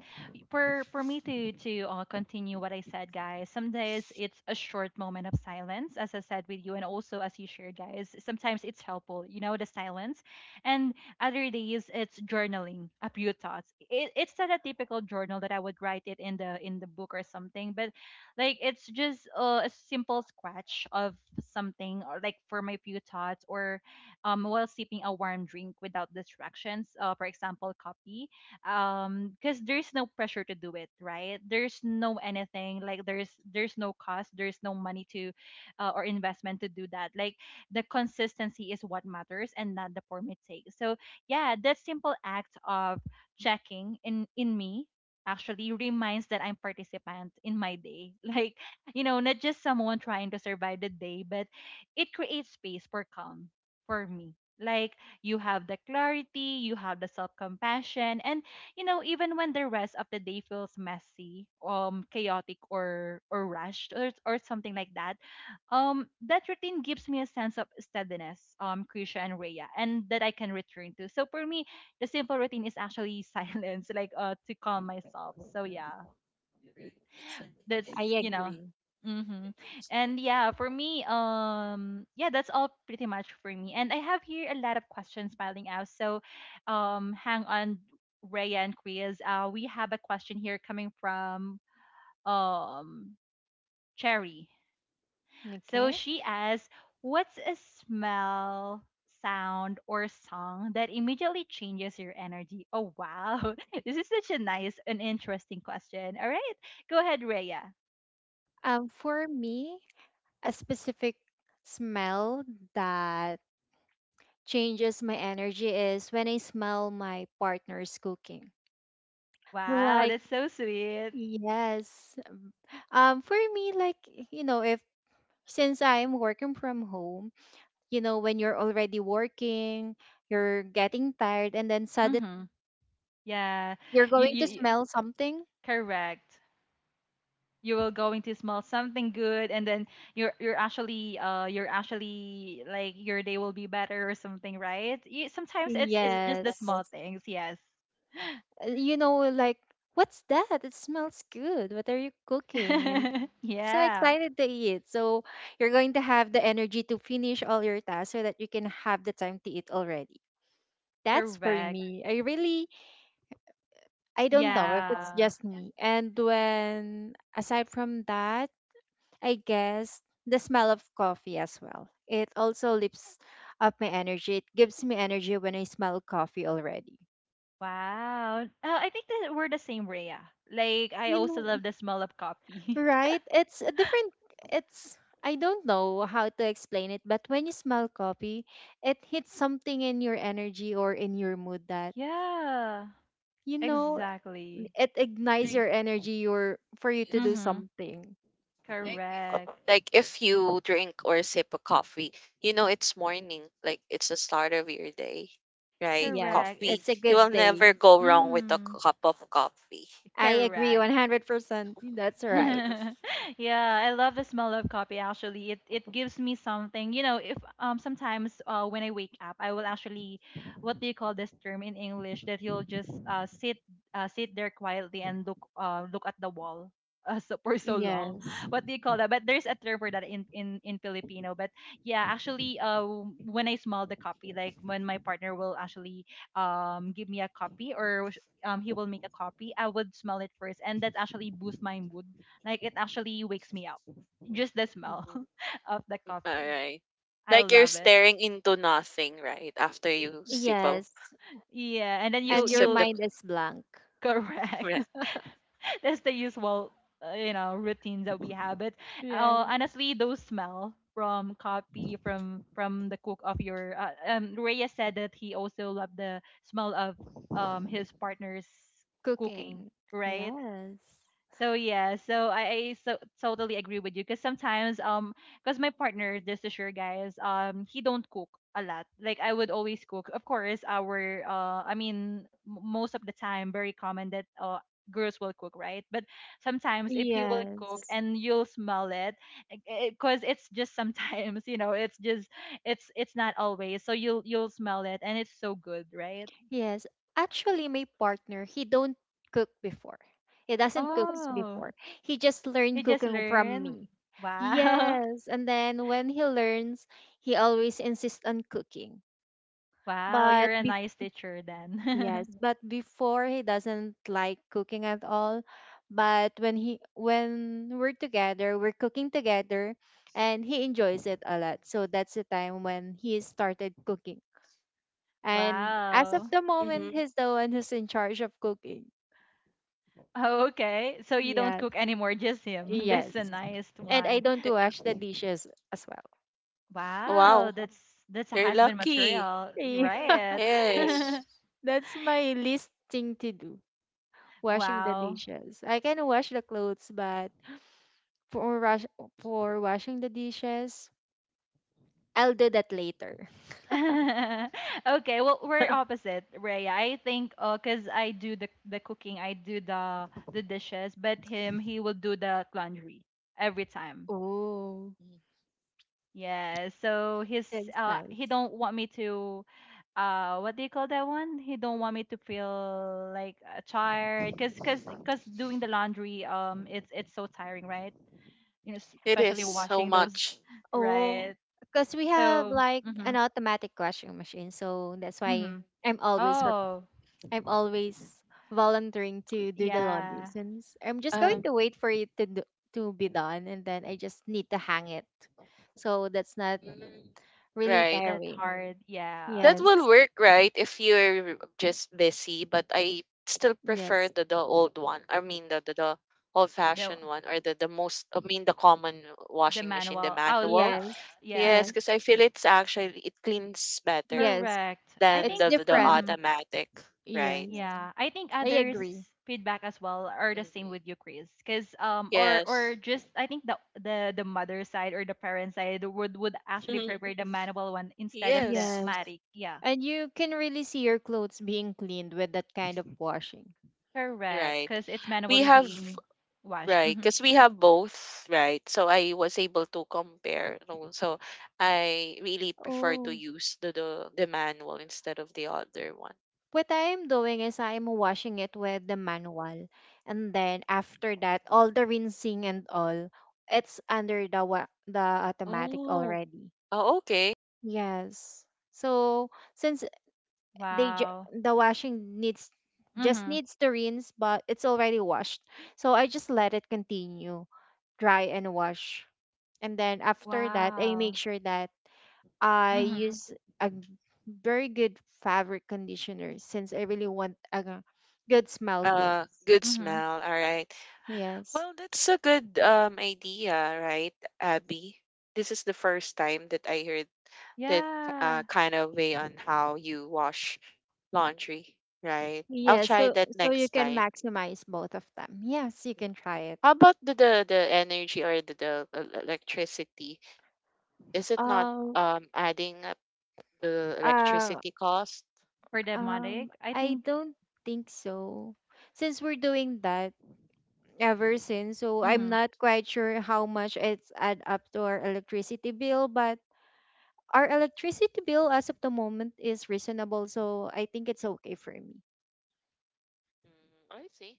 S1: for for me to to, uh, continue what I said, guys, some days it's a short moment of silence, as I said with you, and also as you shared, guys. Sometimes it's helpful, you know, the silence, and other days it's journaling a few thoughts. It, it's not a typical journal that I would write it in the in the book or something, but like it's just uh, a simple scratch of something, or like for my few thoughts, or um while sipping a warm drink without distractions, uh, for example, coffee um because there's no pressure to do it right, there's no anything, like there's there's no cost, there's no money to uh, or investment to do that. Like the consistency is what matters and not the form it takes. So yeah, that simple act of checking in in me actually reminds that I'm participant in my day like, you know, not just someone trying to survive the day, but it creates space for calm, for me. Like you have the clarity, you have the self compassion, and you know, even when the rest of the day feels messy, um, chaotic or or rushed or or something like that, um, that routine gives me a sense of steadiness, um, Krisha and Rhea, and that I can return to. So for me, the simple routine is actually silence, like uh, to calm
S3: It's like
S1: myself. So yeah,
S3: a
S1: that's
S2: I
S1: you know
S2: agree.
S1: mm-hmm.
S3: before you start
S1: And
S3: your,
S1: yeah, for me, um yeah, that's all pretty much for me, and I have here a lot of questions piling out. So um hang on, Raya and Kriya's. Uh, we have a question here coming from um Cherry. So
S2: Okay.
S1: she asks, "What's a smell, sound, or song that immediately changes your energy?" Oh wow, this is such a nice and interesting question. All right, go ahead, Raya.
S2: Um for me, a specific smell that changes my energy is when I smell my partner's cooking.
S1: Wow,
S2: Like
S1: that's so sweet.
S2: yes, um, for me, like you know, if since I'm working from home, you know, when you're already working, you're getting tired, and then suddenly
S1: Mm-hmm. Yeah,
S2: you're
S1: you,
S2: going
S1: you
S2: to
S1: you-
S2: smell something.
S1: correct. You will going to smell something good, and then you're you're actually uh you're actually like your day will be better or something, right? You, sometimes it's it's just the
S2: Yes.
S1: small things. Yes.
S2: Uh, You know, like, what's that? It smells good. What are you cooking? And so
S1: Yeah,
S2: excited to eat. So you're going to have the energy to finish all your tasks so that you can have the time to eat already. That's for
S1: correct.
S2: me. I really I don't know if it's
S1: Yeah.
S2: just me. And when aside from that, I guess the smell of coffee as well. It also lifts up my energy. It gives me energy when I smell coffee already.
S1: Wow. Uh, I think that we're the same, Rhea. Like I
S2: You
S1: also
S2: know,
S1: love the smell of coffee.
S2: right? It's a different. It's I don't know how to explain it, but when you smell coffee, it hits something in your energy or in your mood that
S1: Yeah.
S2: you know
S1: Exactly.
S2: it ignites
S3: like
S2: your energy your for you to do
S3: yes.
S1: Mm-hmm.
S2: something.
S3: Like if
S1: Correct.
S3: like if you drink or sip a coffee, you know it's morning. Like it's the start of your day. Right?
S2: Yes,
S1: Correct.
S3: Coffee.
S2: it's a
S1: It's
S3: You
S1: it.
S2: good
S3: will
S2: day.
S3: never go wrong with a
S1: Mm-hmm.
S3: cup of coffee.
S2: I agree
S1: Correct.
S2: one hundred percent. That's right.
S1: Yeah, I love the smell of coffee actually. It it gives me something. You know, if um sometimes uh when I wake up, I will actually, what do you call this term in English, that you'll just uh sit uh sit there quietly and look uh look at the wall. Uh, so, for so long,
S2: Yes.
S1: what do you call that? But there's a term for that in in in filipino. But yeah, actually uh when I smell the coffee, like when my partner will actually um give me a copy, or um he will make a copy, I would smell it first, and that actually boosts my mood. Like it actually wakes me up. Just the smell
S3: All
S1: of the coffee.
S3: right.
S1: I
S3: Like you're
S1: love it.
S3: staring into nothing, right? After you sip a,
S2: Yes.
S1: Yeah, and then
S3: if
S1: you
S2: And your
S3: sip the
S1: you
S2: mind is blank.
S1: correct.
S3: right.
S1: That's the usual, uh, you know, routines that we have. But
S2: Yes.
S1: uh, honestly, those smell from coffee, from from the cook of your uh, um Rhea said that he also loved the smell of um his partner's cooking,
S2: Cooking.
S1: right?
S2: Yes.
S1: So yeah, so I, I so totally agree with you, because sometimes um because my partner, just to sure guys, um he don't cook a lot. Like I would always cook. Of course, our uh I mean, m- most of the time very common that uh girls will cook, right? But sometimes if he will cook
S2: Yes.
S1: and you'll smell it, because it's just sometimes, you know, it's just it's it's not always. So you'll you'll smell it and it's so good, right?
S2: Yes. Actually, my partner, he don't cook before. he doesn't cook
S1: Oh,
S2: before. He just
S1: he
S2: learned
S1: just
S2: cooking from
S1: learned.
S2: me.
S1: Wow.
S2: Yes. And then when he learns, he always insists on cooking.
S1: Wow, you're
S2: But
S1: a nice teacher
S2: yes,
S1: then.
S2: but before he doesn't like cooking at all. But when he when we're together, we're cooking together and he enjoys it a lot. So that's the time when he started cooking. And as of
S1: Wow.
S2: the moment,
S3: Mm-hmm.
S2: he's the one who's in charge of cooking.
S1: Oh, okay. So you don't cook
S2: Yes.
S1: anymore, just him.
S2: Yes.
S1: That's a nice
S2: And I
S1: one.
S2: don't wash the dishes as well.
S1: Wow,
S3: Wow.
S1: that's that's a
S3: You're
S1: husband
S3: lucky.
S1: material,
S2: Yeah.
S1: right?
S3: Yes,
S2: That's my least thing to do, washing the
S1: Wow.
S2: dishes. I can wash the clothes, but For wash for washing the dishes, I'll do that later.
S1: Okay, well we're opposite, Raya. I think uh 'cause cause I do the the cooking, I do the the dishes, but him, he will do the laundry every time.
S2: Oh,
S3: Mhm.
S1: Yeah, so he's
S2: that's
S1: uh
S2: nice.
S1: he don't want me to uh what do you call that one? He don't want me to feel like uh, tired, cuz cuz cuz doing the laundry, um it's it's so tiring, right? You know, s-
S3: it is
S1: especially
S3: so
S1: washing those,
S3: much.
S2: Oh,
S1: right?
S2: because we have
S1: So,
S2: like an
S1: mhm.
S2: automatic washing machine, so that's why
S1: Mhm.
S2: I'm always rep-
S1: Oh,
S2: I'm always volunteering to do the laundry
S1: yeah.
S2: since I'm just going
S3: Um,
S2: to wait for it to do, to be done, and then I just need to hang it. So that's not
S3: mm,
S2: really
S3: right.
S1: That
S2: tiring.
S1: hard. Yeah.
S3: That
S2: Yes,
S3: will work, right? If you're just busy, but I still prefer
S2: yes,
S3: the, the old one. I mean the the, the old
S1: The
S3: fashioned one or the, the most, I mean, the common
S1: the
S3: washing machine, the
S1: manual. Oh,
S3: manual.
S1: the
S2: yes,
S1: yeah.
S3: Yes,
S2: yes,
S3: because I feel it's actually it cleans better
S2: yes.
S1: Correct. I
S3: than
S2: It's
S1: think
S3: the the the
S2: different.
S1: mhm.
S3: automatic, right?
S2: Yes.
S1: Yeah, yeah. I think
S2: I
S1: others'
S2: agree.
S1: feedback as well are the same
S3: Mhm.
S1: with you, Chris. Cause um, or
S3: Yes.
S1: or just I think the the the mother side or the parent side would would actually prefer the manual one instead of the
S3: Yes.
S2: Yes.
S1: matic. Yeah,
S2: And you can really see your clothes being cleaned with that kind of washing.
S1: correct.
S3: Right.
S1: Cause it's
S3: we
S1: manually
S3: have
S1: being washed.
S3: Right,
S1: Mm-hmm.
S3: because we have both, right? So I was able to compare. No, so I really prefer to
S2: Oh,
S3: use the the, the manual instead of the other one.
S2: what I'm doing is I'm washing it with the manual. And then after that, all the rinsing and all, it's under the wa- the automatic
S3: Oh,
S2: already.
S3: oh, okay.
S2: Yes. So since they ju-
S1: Wow.
S2: the washing needs just
S1: Mm-hmm.
S2: needs to rinse, but it's already washed. So I just let it continue dry and wash. And then after that, I
S1: Wow.
S2: make sure that I
S1: Mm-hmm.
S2: use a g- very good fabric conditioner since I really want a g- good smell
S3: Uh,
S2: clothes.
S3: good
S1: Mm-hmm.
S3: smell. All right.
S2: Yes.
S3: Well, that's a good um idea, right, Abby? This is the first time that I heard that
S1: Yeah.
S3: uh kind of way on how you wash laundry, right? I'll
S2: Yes,
S3: try
S2: so
S3: that
S2: so you
S3: next
S2: can
S3: time.
S2: maximize both of them. Yes, you can try
S3: Mhm.
S2: it.
S3: How about the the, the energy, or the, the el- electricity? Is it not
S2: Um,
S3: um adding up the
S2: uh,
S3: electricity cost?
S1: For the matic,
S2: um,
S1: I
S2: I
S1: think.
S2: don't think so. Since we're doing that ever since, so I'm
S1: Mm-hmm.
S2: not quite sure how much it's add up to our electricity bill, but our electricity bill as of the moment is reasonable, so I think it's okay for me.
S3: Mm, I see.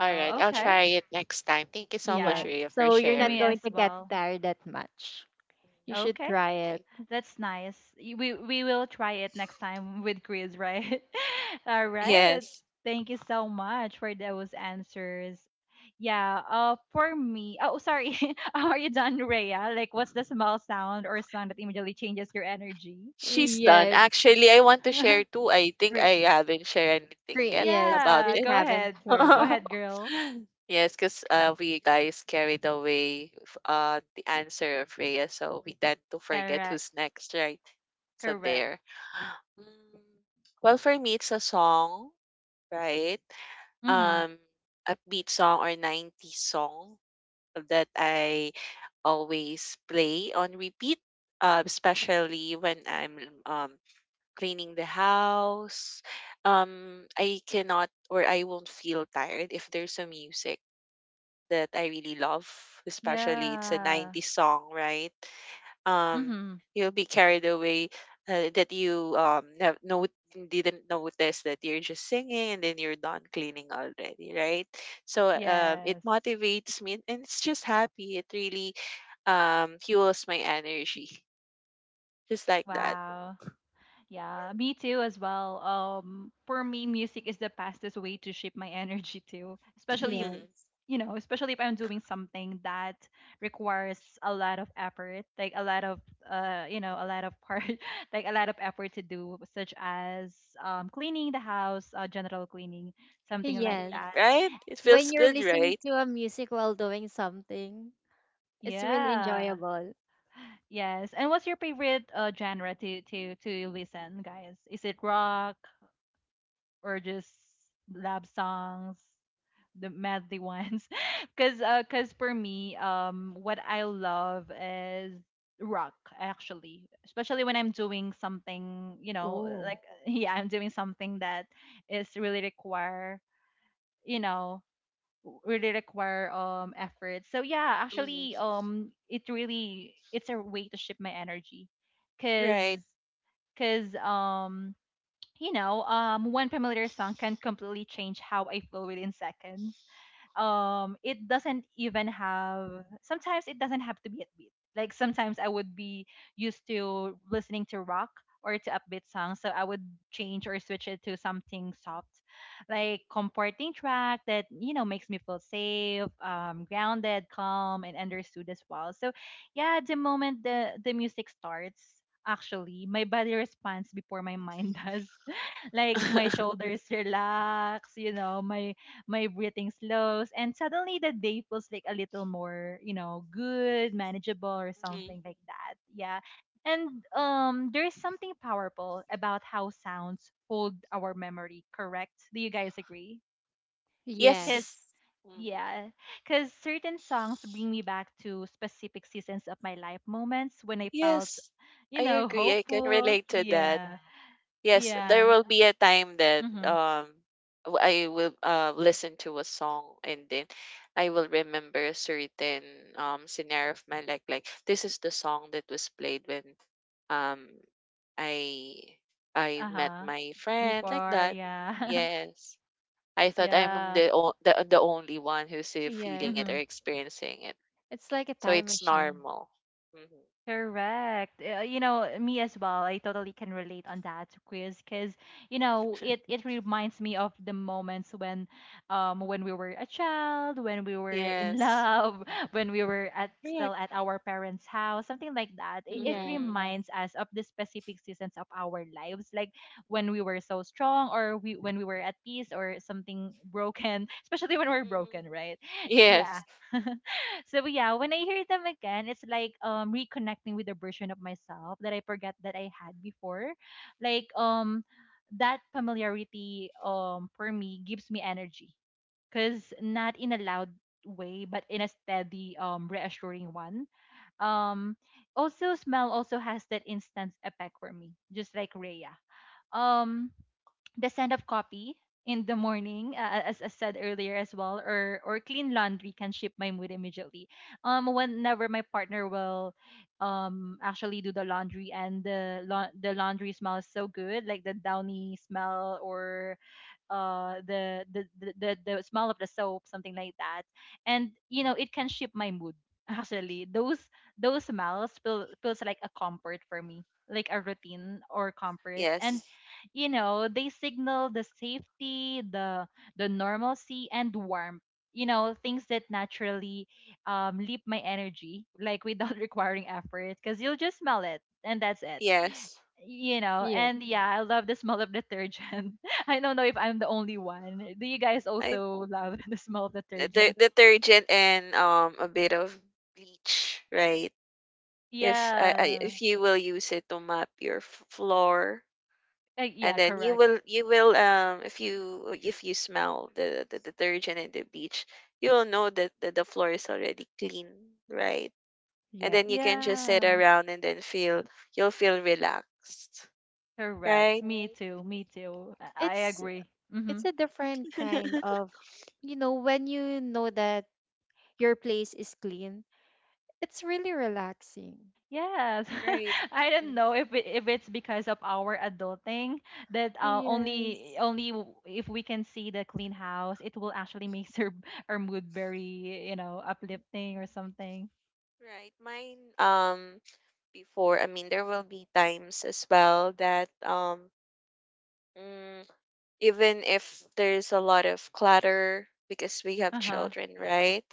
S3: All right, I'll
S1: Okay.
S3: try it next time. Thank you so much,
S1: Yeah.
S2: Yes.
S3: Rhea, for
S2: So you're not
S1: Me
S3: sharing.
S2: going
S1: as
S2: to get
S1: well.
S2: tired that much.
S3: Mhm.
S2: You should
S1: Okay.
S2: try it.
S3: Bye.
S1: That's nice. Y- We we will try it next time with Chris, right? All right.
S3: Yes.
S1: Thank you so much for those answers. Yeah, uh for me. Oh, sorry. Are you done, Rhea? Like what's the small sound or sound that immediately changes your energy?
S3: She's done.
S2: Yes.
S3: Actually, I want to share too. I think
S2: Cre-
S3: I haven't shared
S2: cre-
S3: anything yet
S2: yes.
S3: about
S1: Yeah,
S2: Chris
S3: it.
S1: go
S2: haven't
S1: ahead.
S2: tried
S1: Go
S2: that.
S1: ahead, girl.
S3: Yes, because uh, we guys carried away f- uh, the answer of Rhea, so we tend to forget
S1: Correct.
S3: who's next, right? So
S1: Correct.
S3: there. Mm, well, for me, it's a song, right?
S1: Mhm.
S3: Um, upbeat song or nineties song that I always play on repeat, uh, especially when I'm um, cleaning the house. Um, I cannot or I won't feel tired if there's a music that I really love, especially it's a
S1: Yeah.
S3: nineties song, right? Um,
S1: Mhm.
S3: you'll be carried away uh, that you um have no didn't notice that you're just singing and then you're done cleaning already, right? So um, it
S1: Yes.
S3: motivates me and it's just happy. It really um fuels my energy, just like that.
S1: Wow. Yeah, me too as well. Um, for me, music is the fastest way to shift my energy too. Especially if,
S2: Yes.
S1: you know, especially if I'm doing something that requires a lot of effort, like a lot of uh, you know, a lot of part, like a lot of effort to do, such as um, cleaning the house, uh, general cleaning, something like
S2: Yes.
S3: Mhm,
S1: that.
S3: right? It feels
S2: When you're
S3: good,
S2: listening
S3: right?
S2: to a music while doing something, it's really
S1: Yeah.
S2: enjoyable.
S1: Yes. And what's your favorite uh, genre to to to listen, guys? Is it rock or just love songs? The madly ones because uh, cause for me um what I love is rock actually, especially when I'm doing something, you know,
S2: Oh.
S1: like yeah, I'm doing something that is really require you know, really require um effort. So yeah, actually
S3: Hmm.
S1: um it really, it's a way to shift my energy
S3: Right.
S1: because because um you know, um, one familiar song can completely change how I feel within seconds. Um, it doesn't even have. Sometimes it doesn't have to be upbeat. Like sometimes I would be used to listening to rock or to upbeat songs, so I would change or switch it to something soft, like comforting track that you know makes me feel safe, um, grounded, calm, and understood as well. So, yeah, the moment the the music starts, actually, my body responds before my mind does, like my shoulders relax, you know, my my breathing slows, and suddenly the day feels like a little more, you know, good, manageable, or
S3: Mhm.
S1: something like that. Yeah. And um, there's something powerful about how sounds hold our memory, correct? Do you guys agree? Because,
S3: Yes.
S2: Yes.
S3: Mm-hmm.
S1: yeah, because certain songs bring me back to specific seasons of my life, moments when I felt,
S3: Yes,
S1: you
S3: I
S1: know,
S3: agree. I can
S1: hopeful.
S3: relate to that.
S1: Yeah.
S3: Yes, there
S1: Yeah.
S3: will be a time that
S1: Mm-hmm.
S3: um w- I will uh listen to a song and then I will remember a certain um scenario of my life. Like this is the song that was played when um I I met
S1: Uh-huh.
S3: my friend like
S1: Before,
S3: that.
S1: yeah.
S3: Yes. I thought I'm
S1: Yeah.
S3: the o- the the only one who's uh, feeling
S2: Yes.
S3: it or
S1: Mm-hmm.
S3: experiencing it.
S2: It's like a
S3: So
S2: time
S3: it's
S2: machine.
S3: normal. Hmm.
S1: Correct. Uh, you know, me as well. I totally can relate on that quiz, because you know it it reminds me of the moments when, um, when we were a child, when we were in
S3: Yes.
S1: love, when we were at still at
S3: Correct.
S1: our parents' house, something like that. It, it
S2: Yeah.
S3: Mhm.
S1: reminds us of the specific seasons of our lives, like when we were so strong, or we when we were at peace, or something broken, especially when we're
S3: Mhm.
S1: broken, right? Yeah.
S3: Yes.
S1: So yeah, when I hear them again, it's like um reconnecting with a version of myself that I forget that I had before. Like um that familiarity um for me gives me energy, cuz not in a loud way but in a steady um reassuring one. Um also smell also has that instant effect for me, just like Rhea. Um the send of copy in the morning, uh, uh, as, I said earlier as well, or or clean laundry can shift my mood immediately um whenever my partner will um actually do the laundry, and the la the laundry smells so good, like the downy smell or uh the the, the the the smell of the soap, something like that, and you know it can shift my mood. Actually those those smells feel, feels like a comfort for me, like a routine or comfort, and
S3: Yes.
S1: you know, they signal the safety, the the normalcy and warmth. You know, things that naturally um, leap my energy, like without requiring effort, because you'll just smell it and that's it.
S3: Yes.
S1: You know,
S2: Yes.
S1: and yeah, I love the smell of detergent. I don't know if I'm the only one. Do you guys
S3: I,
S1: also love the smell of
S3: the
S1: detergent?
S3: detergent and um a bit of bleach, right? If I, I
S1: Yeah.
S3: if you will use it to mop your f- floor
S1: Uh,
S3: and
S1: yeah,
S3: then you
S1: correct.
S3: will you will um if you if you smell the the detergent and the bleach, you will know that the, the floor is already clean, right? And then you
S2: Yes.
S3: can just sit
S1: Yeah,
S3: around and then feel you'll feel relaxed,
S1: correct.
S3: right?
S1: Me too. Me too. I I
S2: It's
S1: agree. Mm-hmm.
S2: it's a different kind of, you know, when you know that your place is clean, it's really relaxing.
S1: Yes.
S3: Right.
S1: I don't
S3: Mm.
S1: know if it, if it's because of our adulting that uh, only
S2: Yes.
S1: only w- if we can see the clean house, it will actually make her, our mood very, you know, uplifting or
S3: Mm-hmm.
S1: something.
S3: Right. Mine, um before, I mean, there will be times as well that um mm, even if there's a lot of clutter because we have
S1: Uh-huh.
S3: children, right?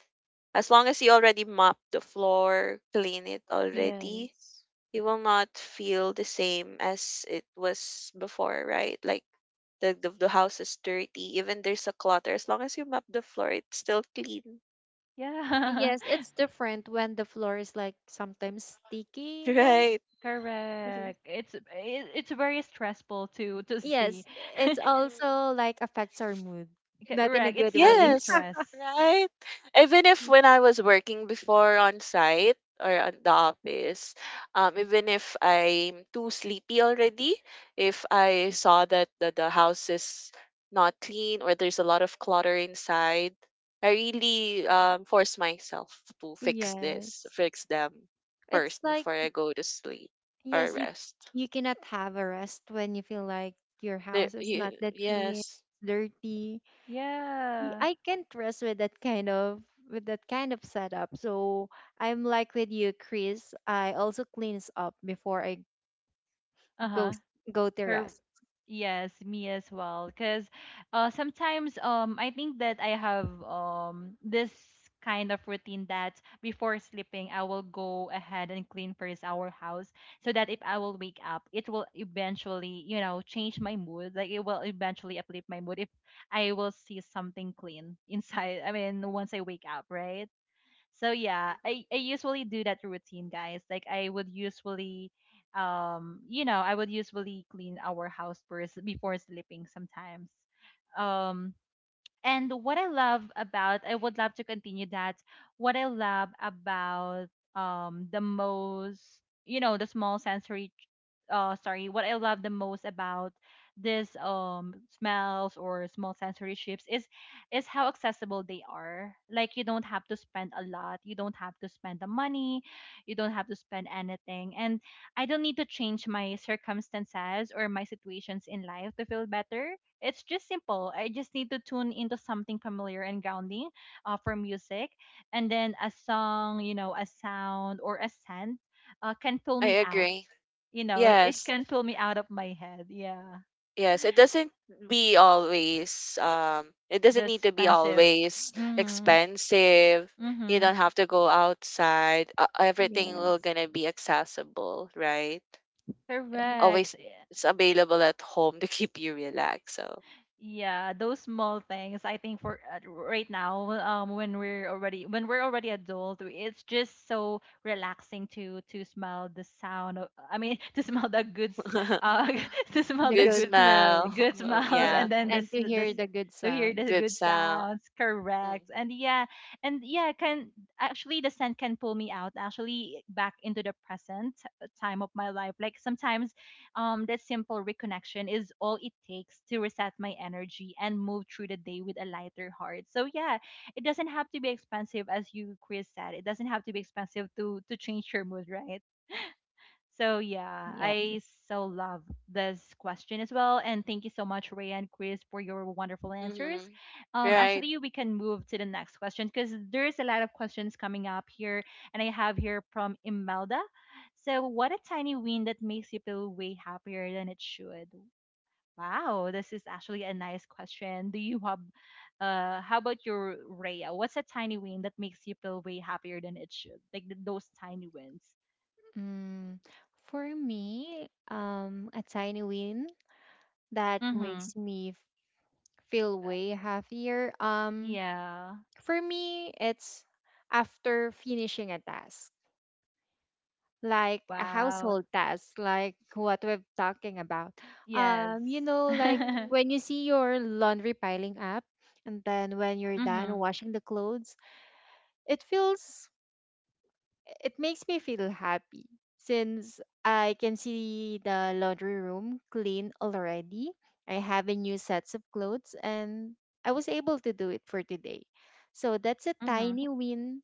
S3: As long as you already mop the floor, clean it already,
S2: Yes.
S3: you will not feel the same as it was before, right? Like the the, the house is dirty, even there's a clutter, as long as you mop the floor, it's still clean,
S1: Yeah.
S2: Yes, it's different when the floor is like sometimes sticky, you know.
S3: right?
S1: Correct. It's it, it's very stressful to to see.
S2: Yes, it's
S3: Mhm.
S2: also like affects our mood, not in a
S1: Correct. It's
S2: good
S1: adding
S2: way.
S3: Yes,
S1: stress.
S3: right? Even if when I was working before on site or on the office, um, even if I'm too sleepy already, if I saw that the, the house is not clean or there's a lot of clutter inside, I really um, force myself to fix this,
S2: Yes,
S3: fix them
S2: it's
S3: first
S2: like,
S3: before I go to sleep or
S2: yes, you
S3: rest.
S2: you cannot have a rest when you feel like your
S3: The,
S2: house is not
S3: y-
S2: that clean,
S3: yes.
S2: dirty. y-
S1: Yeah.
S2: I can't rest with that kind of, with that kind of setup. So I'm like with you, Chris. I also cleans up before I go
S1: Uh-huh.
S2: s- go to
S1: Cor-
S2: rest.
S1: yes, me as well. Because uh, sometimes um, I think that I have um, this kind of routine that before sleeping, I will go ahead and clean first our house, so that if I will wake up, it will eventually, you know, change my mood. Like it will eventually uplift my mood if I will see something clean inside. I mean, once I wake up, right? So yeah, I, I usually do that routine, guys. Like I would usually um you know, I would usually clean our house first before sleeping sometimes. Um and what I love about, I would love to continue that. What I love about um the most, you know, the small sensory, uh, sorry, what I love the most about this um smells or small sensory shifts is is how accessible they are. Like you don't have to spend a lot, you don't have to spend the money, you don't have to spend anything, and I don't need to change my circumstances or my situations in life to feel better. It's just simple. I just need to tune into something familiar and grounding, uh, for music. And then a song, you know, a sound or a scent uh, can pull
S3: I
S1: me out.
S3: agree.
S1: You know, it
S3: Yes.
S1: can pull me out of my head. Yeah.
S3: Yes, it doesn't be always um it doesn't
S1: The
S3: need to be
S1: expensive.
S3: always
S1: Mm
S3: expensive.
S1: hmm. Mm
S3: You
S1: hmm.
S3: don't have to go outside. Uh, everything will
S2: Yes.
S3: gonna be accessible, right?
S2: Yes.
S1: Correct.
S3: Always it's available at home to keep you relaxed. So
S1: Yeah, those small things. I think for uh, right now, um, when we're already when we're already adult, it's just so relaxing to to smell the sound. Of, I mean, to smell the good, s- uh, to smell
S2: The
S1: the
S3: good
S2: good
S1: good,
S2: smell.
S3: smell.
S1: good smells, and
S2: Yes.
S3: Yeah,
S1: then this
S2: And to hear
S1: this
S2: the good
S1: to hear
S2: sound.
S1: the
S3: good
S1: good
S3: sound.
S1: sounds.
S3: Mm-hmm.
S1: Correct. And yeah, and yeah, can actually the scent can pull me out actually back into the present uh, time of my life. Like sometimes um, that simple reconnection is all it takes to reset my energy and move through the day with a lighter heart. So yeah, it doesn't have to be expensive, as you Chris said. It doesn't have to be expensive to to change your mood, right? So yeah,
S2: Yes.
S1: I so love this question as well, and thank you so much, Ray and Chris, for your wonderful answers.
S3: Mm-hmm.
S1: Um,
S3: Right.
S1: actually, we can move to the next question because there's a lot of questions coming up here, and I have here from Imelda. So, what a tiny win that makes you feel way happier than it should. Wow, this is actually a nice question. Do you have, uh, how about your Rhea? What's a tiny win that makes you feel way happier than it should? Like th- those tiny wins.
S2: Mm, for me, um, a tiny win that makes me feel way
S1: Hmm.
S2: happier. Um,
S1: Yeah.
S2: for me, it's after finishing a task. Like a
S1: Wow.
S2: household task, like what we're talking about.
S1: Yes.
S2: Um, you know, like
S1: Mhm.
S2: when you see your laundry piling up, and then when you're done
S1: Mhm.
S2: washing the clothes, it feels, it makes me feel happy since I can see the laundry room clean already. I have a new sets of clothes, and I was able to do it for today. So that's a
S1: Mhm.
S2: tiny win,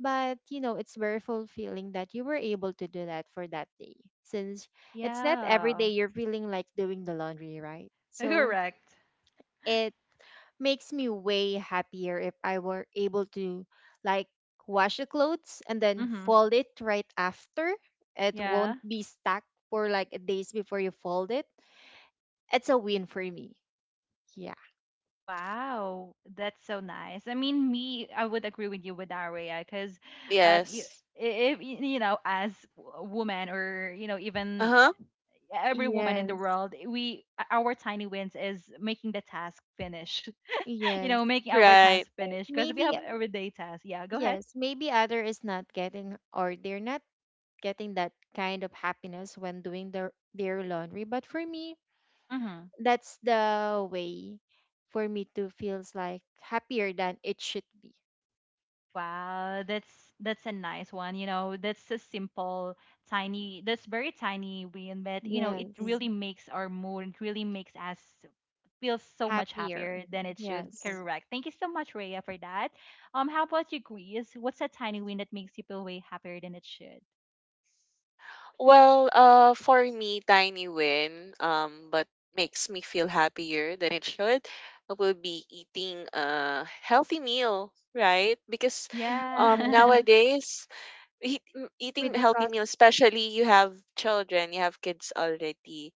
S2: but you know it's very fulfilling that you were able to do that for that day, since it's not every day
S1: Yeah.
S2: you're feeling like doing the laundry, right? So
S1: Correct.
S2: it makes me way happier if I were able to like wash the clothes and then
S1: Mhm.
S2: fold it right after. It
S1: Yeah.
S2: won't be stuck for like days before you fold it. It's a win for me. Yeah.
S1: Wow. That's so nice. I mean, me, I would agree with you with Aria because, um, you,
S3: Yes.
S1: if y- you know, as w- women, or you know, even
S3: Uh-huh.
S1: every woman in the
S2: Yes.
S1: world, we, our tiny wins is making the task finish. You
S2: Yes,
S1: know, making our
S3: Right.
S1: task finish because we
S2: maybe.
S1: have everyday tasks. Yeah. Go ahead.
S2: Yes, maybe other is not getting, or they're not getting that kind of happiness when doing their, their laundry. But for me,
S1: Mhm.
S2: that's the way for me to feels like happier than it should be.
S1: Wow, that's that's a nice one. You know, that's a simple, tiny, that's very tiny win, but you know, it
S2: Yes.
S1: really makes our mood, it really makes us feel so much happier
S2: Happier.
S1: than it should. Mm.
S2: Yes.
S1: Correct. Thank you so much, Rhea, for that. Um, how about you, Grease? What's a tiny win that makes you feel way happier than it should?
S3: Well, uh, for me, tiny win, um, but makes me feel happier than it should, will be eating a healthy meal, right? Because um,
S2: Yes.
S1: Yeah.
S3: nowadays, eat, m- eating
S2: With the
S3: healthy
S2: cost.
S3: meal, especially you have children, you have kids already.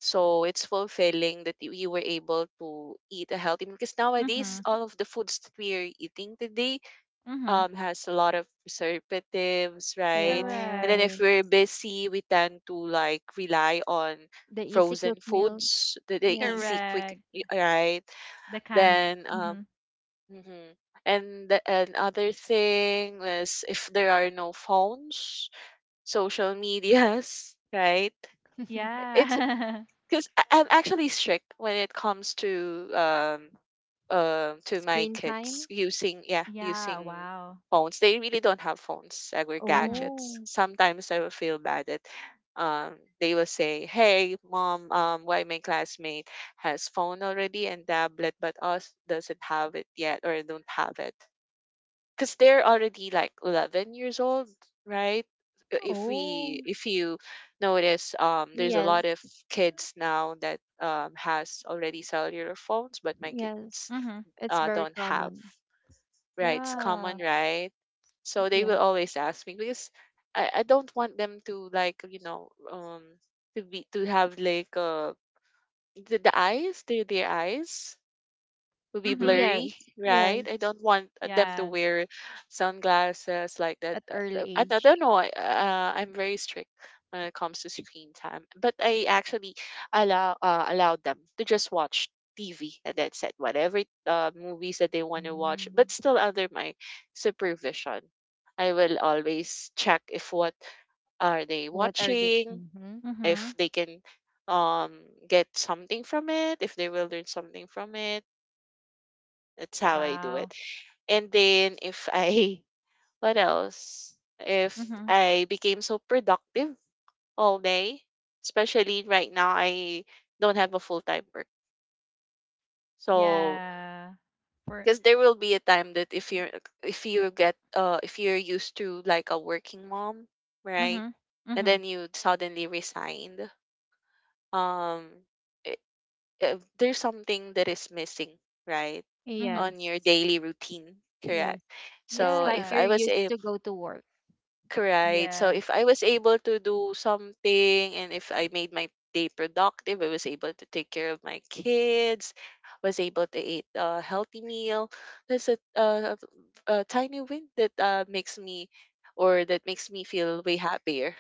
S3: So it's fulfilling that you, you were able to eat a healthy meal, because
S1: Mm-hmm.
S3: nowadays all of the foods that we are eating today
S1: Mm-hmm.
S3: um has a lot of preservatives, right? And then if
S1: Correct.
S3: we're
S2: Yes.
S3: busy, we tend to like rely on
S2: The easy
S3: frozen
S2: cook meals.
S3: foods, the, the
S2: Yes.
S3: easy, quick,
S1: Correct.
S3: y- right?
S1: The can.
S3: Then um,
S1: Mm-hmm.
S3: mhm. And the, another thing is if there are no phones, social medias, right? It's
S1: Yeah.
S3: because I'm actually strict when it comes to um um to my
S2: screen
S3: kids
S2: time.
S3: using, yeah,
S1: Yeah.
S3: using
S1: Wow.
S3: phones. They really don't have phones, uh, or
S1: Mm-hmm.
S3: gadgets.
S2: Oh.
S3: Sometimes I will feel bad that um they will say, "Hey, mom, um, why my classmate has phone already and tablet, but us doesn't have it yet or don't have it," because they're already like eleven years old, right? Uh, if we
S2: Oh.
S3: if you notice, um there's a
S2: Yes.
S3: lot of kids now that um has already cellular phones but my kids
S2: Yes.
S1: Mm-hmm.
S2: It's
S3: uh
S2: very
S3: don't have.
S2: common.
S3: Right, it's common,
S1: Yeah.
S3: right? So they
S2: Yeah.
S3: will always ask me. Because i, I don't want them to, like, you know, um to be to have like uh the, the eyes, their their eyes will be
S1: Mhm.
S3: blurry,
S2: Yes. Yes.
S3: right? I don't want, uh, them to
S1: Yes.
S3: wear sunglasses like that.
S2: At
S3: Uh,
S2: early
S3: uh, I, I
S2: age.
S3: don't know. I, uh, I'm very strict when it comes to screen time, but I actually allow uh, allowed them to just watch T V and that's it. Whatever uh, movies that they want to watch, but
S2: Mm.
S3: still under my supervision. I will always check if what are they
S2: What are the?
S3: watching,
S2: Hmm.
S3: if
S1: Mhm.
S3: they can um get something from it, if they will learn something from it. That's how I do
S1: Wow.
S3: it. And then if I what else? If
S1: Mhm.
S3: I became so productive all day, especially right now I don't have a full-time work. So,
S1: Yeah. For
S3: because there will be a time that if you're, if you get, uh if you're used to like a working mom, right?
S1: Mhm.
S3: And
S1: Mhm.
S3: then you suddenly resigned. Um uh, there's something that is missing, right?
S1: Mhm.
S3: On your
S2: Yes,
S3: daily routine, correct?
S2: yes. It's
S3: So
S2: like
S3: if
S1: Yeah.
S2: you're
S3: I was
S2: used
S3: able,
S2: to go to work.
S3: correct. So
S1: Yes.
S3: if I was able to do something and if I made my day productive, I was able to take care of my kids, was able to eat a healthy meal. That's a, a, a tiny win that, uh, makes me or that makes me feel way happier.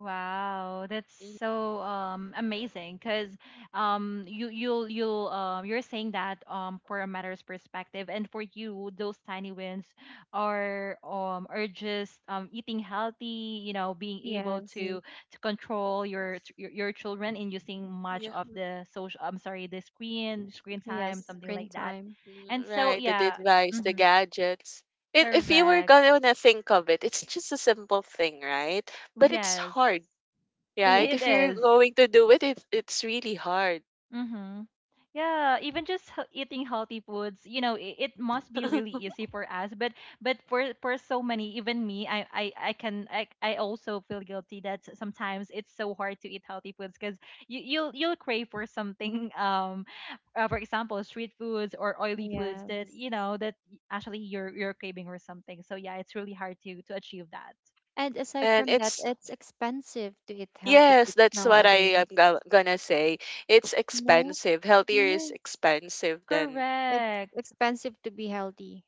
S1: Wow, that's
S3: Mhm.
S1: so um amazing because um you you'll you'll um you're saying that um for a matter's perspective and for you those tiny wins are um are just um eating healthy, you know, being able, Mm,
S2: Yes,
S1: to to control your ch- your, your children in using much
S3: Yeah.
S1: of, mm, the social, I'm sorry, the screen screen time,
S2: yes.
S1: something
S2: Screen
S1: like that.
S2: time.
S1: And
S3: Mm,
S1: so
S3: right, the
S1: yeah,
S3: device, the
S1: mhm,
S3: gadgets. If if you were
S1: correct.
S3: gonna think of it, it's just a simple thing, right? But it's
S1: Yes,
S3: hard,
S2: Yes,
S3: right?
S1: it
S3: If you're
S1: is.
S3: going to do it, it it's really hard.
S1: Mm-hmm. Yeah, even just hea- eating healthy foods, you know, it, it must be really easy for us. But but for for so many, even me, I I, I can I, I also feel guilty that s- sometimes it's so hard to eat healthy foods because you you'll you'll crave for something um uh, for example street foods or oily foods that
S2: yes.
S1: you know that y- actually you're you're craving or something. So yeah, it's really hard to to achieve that.
S2: And aside
S3: And
S2: from that,
S3: it's,
S2: it's expensive to eat healthy
S3: yes,
S2: foods
S3: that's what I am
S2: nowadays.
S3: go- gonna say. It's
S2: No.
S3: expensive. Healthier is
S2: Yes,
S3: expensive than,
S2: it's
S1: Correct.
S2: expensive to be healthy.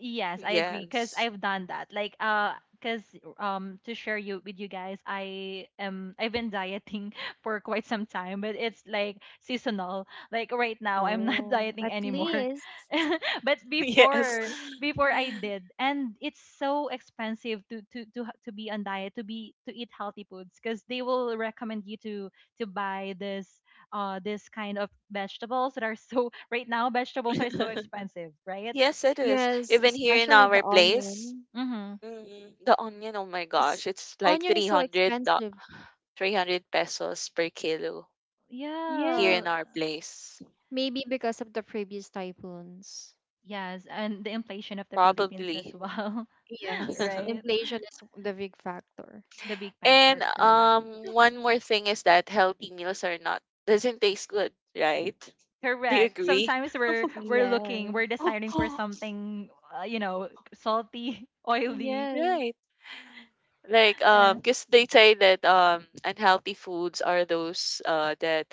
S1: Yes, I agree because
S3: yes.
S1: I've done that. Like, uh, because um, to share you with you guys, I am I've been dieting for quite some time, but it's like seasonal. Like right now, I'm not
S2: Oh,
S1: dieting
S2: at
S1: anymore,
S2: least.
S1: but
S3: Yes.
S1: before before I did, and it's so expensive to to to ha- to be on diet, to be to eat healthy foods because they will recommend you to to buy this uh this kind of vegetables that are so, right now vegetables are so expensive, right?
S3: Yes, it is.
S2: Yes,
S3: Even here in
S2: especially
S3: our
S2: the
S3: place,
S2: onion.
S3: mm, the onion, oh my
S2: It's,
S3: gosh, it's like
S2: onion is so
S3: three hundred dollars.
S2: expensive.
S3: three hundred pesos per kilo here
S2: Yes.
S3: in
S1: Yeah,
S3: our place.
S2: Maybe because of the previous typhoons.
S1: yes, and the inflation of the Philippines as
S3: Probably.
S1: well,
S2: Yes.
S1: right?
S2: Inflation is the big factor.
S1: The big
S3: And
S1: factor, correct.
S3: um one more thing is that healthy meals are not, doesn't taste good, right? Do you
S1: Correct.
S3: agree?
S1: Sometimes we're we're looking,
S2: Yes.
S1: we're deciding for something, uh, you know, salty, oily.
S2: Yes.
S3: Right. Like,
S1: Uh,
S3: um because they say that um unhealthy foods are those uh that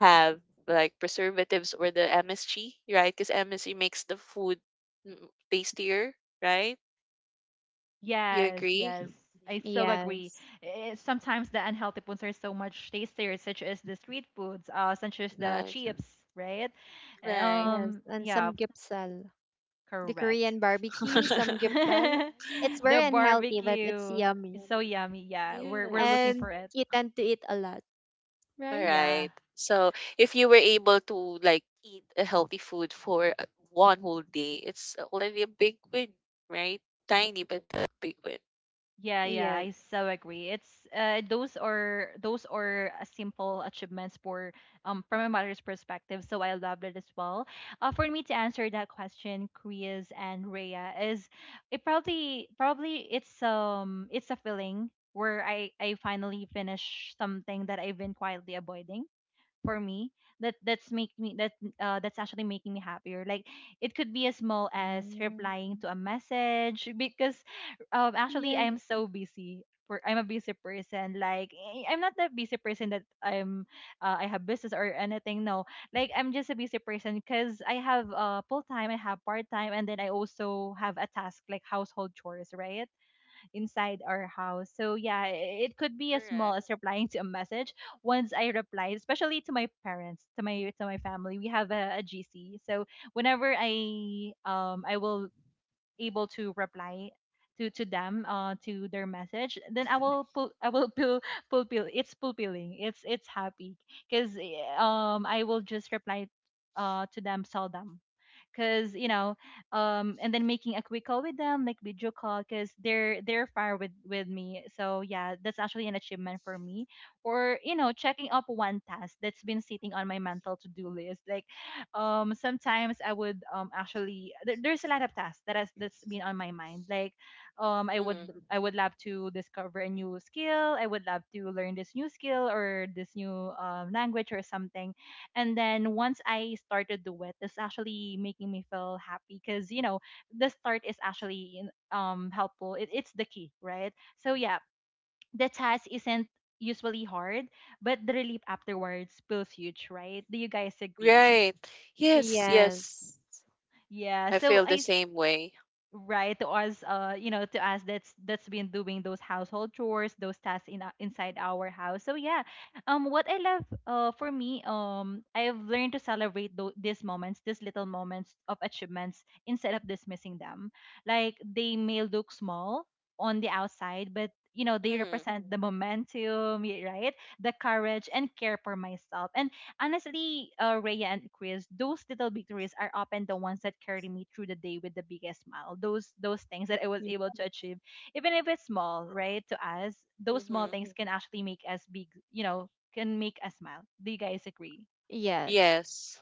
S3: have like preservatives or the M S G, right? Because M S G makes the food, mm, tastier, right? You
S1: yes,
S3: agree?
S1: yes. I so agree.
S2: Yes.
S1: Eh, sometimes
S3: Mhm.
S1: the unhealthy foods are so much tastier, such as the street foods, uh, such as the
S3: Right.
S1: chips, right?
S3: Right.
S2: Yes.
S1: Um,
S2: And
S1: yeah,
S2: some gipsal. The
S1: correct.
S2: Korean barbecue, some gipsal. It's
S1: The
S2: very unhealthy, but it's
S1: barbecue
S2: yummy.
S1: is so yummy. Yeah, we're we're looking
S3: Yes.
S1: for
S2: And
S1: it.
S2: you tend to eat a lot,
S3: All
S2: right?
S1: Yeah.
S3: right. So if you were able to like eat a healthy food for, uh, one whole day, it's already a big win, right? Tiny but a big win.
S1: Yeah, yeah,
S2: Yes.
S1: I so agree. It's uh, those are those are uh, simple achievements for um from a mother's perspective. So I love it as well. Uh, for me to answer that question, Chris and Rhea, is it probably probably it's um it's a feeling where I I finally finish something that I've been quietly avoiding for me, that that's make me that uh, that's actually making me happier. Like it could be as small as
S2: Mm.
S1: replying to a message, because um actually
S2: Yes.
S1: I'm so busy, for I'm a busy person. Like eh, I'm not that busy person that I'm uh, I have business or anything, no. Like I'm just a busy person because I have uh full time, I have part time, and then I also have a task like household chores, right, inside our house. So yeah, i- it could be as small
S3: Correct.
S1: as replying to a message. Once I replied, especially to my parents, to my to my family, we have a G C. So whenever I um I will able to reply to to them uh to their message, then I will pull I will pull fulfill. It's fulfilling. It's it's happy because um I will just reply uh to them seldom, because you know, um and then making a quick call with them, like video call, because they're they're far with with me. So yeah, that's actually an achievement for me, or you know, checking up one task that's been sitting on my mental to-do list. Like um sometimes I would, um actually there, there's a lot of tasks that has that's been on my mind. Like um i
S3: Mm-hmm.
S1: would
S3: Mm-hmm.
S1: i would love to discover a new skill, I would love to learn this new skill or this new um, language or something. And then once I started do it, it's actually making me feel happy, because you know, the start is actually in- um helpful. It, it's the key, right? So yeah, the task isn't usually hard, but the relief afterwards feels huge, right? Do you guys agree?
S3: Right. Yes, yes.
S2: Yes.
S1: Yeah.
S3: I
S1: So
S3: feel
S1: I
S3: the
S1: s-
S3: same way.
S1: right to us, uh you know, to us that's that's been doing those household chores, those tasks in our- inside our house. So yeah, um what I love, uh for me, um I've learned to celebrate tho- these moments, these little moments of achievements instead of dismissing them. Like they may look small on the outside, but you know they
S3: Mm-hmm.
S1: represent the momentum, y- right, the courage and care for myself. And honestly, uh, Rhea and Chris, those little victories are often the ones that carry me through the day with the biggest smile. Those those things that I was able to achieve, even if it's small, right? To us, those small
S3: Mm-hmm.
S1: things can actually make us big. You know, can make us smile. Do you guys agree?
S2: Yes.
S3: Yes.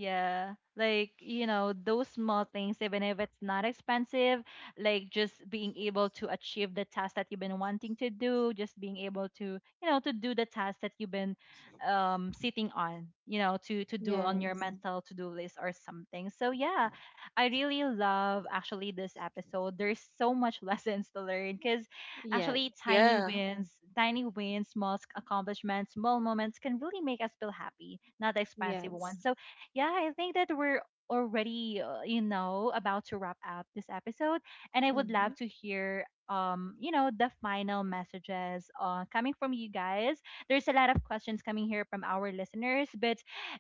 S1: Yeah, like you know, those small things, even if it's not expensive, like just being able to achieve the task that you've been wanting to do, just being able to, you know, to do the task that you've been um sitting on, you know, to to do on your
S2: Yes.
S1: mental to-do list or something. So yeah, I really love actually this episode. There's so much lessons to learn because
S2: Yes.
S1: actually tiny
S3: Yeah.
S1: wins, tiny wins, small accomplishments, small moments can really make us feel happy, not the expensive
S2: Yes.
S1: ones. So yeah, I think that we're already, uh, you know, about to wrap up this episode, and I would
S2: Mm-hmm.
S1: love to hear, um, you know, the final messages uh, coming from you guys. There's a lot of questions coming here from our listeners, but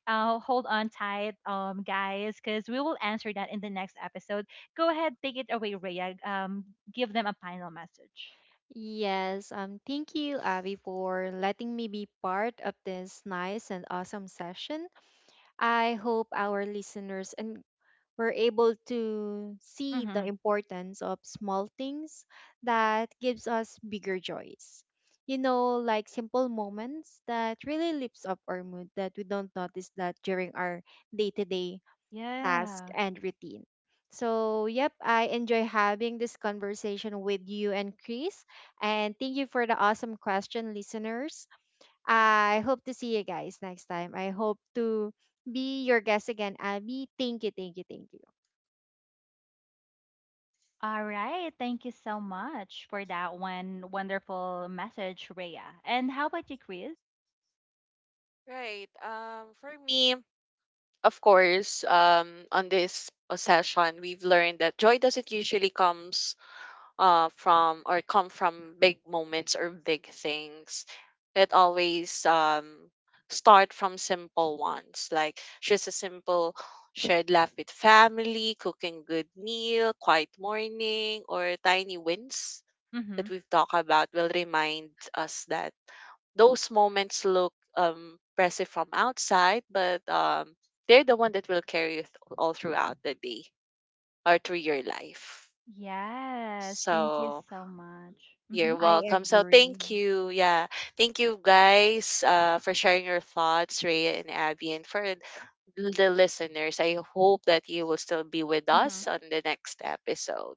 S1: uh, hold on tight, um, guys, because we will answer that in the next episode. Go ahead, take it away, Rhea. Um, give them a final message.
S2: Yes, um, thank you, Abby, for letting me be part of this nice and awesome session. I hope our listeners and were able to see the
S1: Mm-hmm.
S2: importance of small things that gives us bigger joys. You know, like simple moments that really lifts up our mood that we don't notice that during our day-to-day task,
S1: Yeah.
S2: and routine. So, yep, I enjoy having this conversation with you and Chris. And thank you for the awesome question, listeners. I hope to see you guys next time. I hope to be your guest again, Abby. Thank you, thank you, thank you.
S1: All right. Thank you so much for that one wonderful message, Rhea. And how about you, Chris?
S3: Right. Um for me, of course, um, on this uh, session, we've learned that joy doesn't usually comes, uh, from or come from big moments or big things. It always, um, start from simple ones, like just a simple shared laugh with family, cooking good meal, quiet morning, or tiny wins that
S1: Mm-hmm.
S3: we've talked about will remind us that those moments look um impressive from outside, but um they're the one that will carry you th- all throughout the day or through your life.
S1: Yes. Thank you
S3: So
S1: so much. Mm-hmm.
S3: you're
S2: I
S3: welcome. So
S2: agree.
S3: thank you. Yeah. Thank you guys, uh, for sharing your thoughts, Rhea and Abby, and for th- the listeners. I hope that you will still be with
S1: Mm-hmm.
S3: us on the next episode.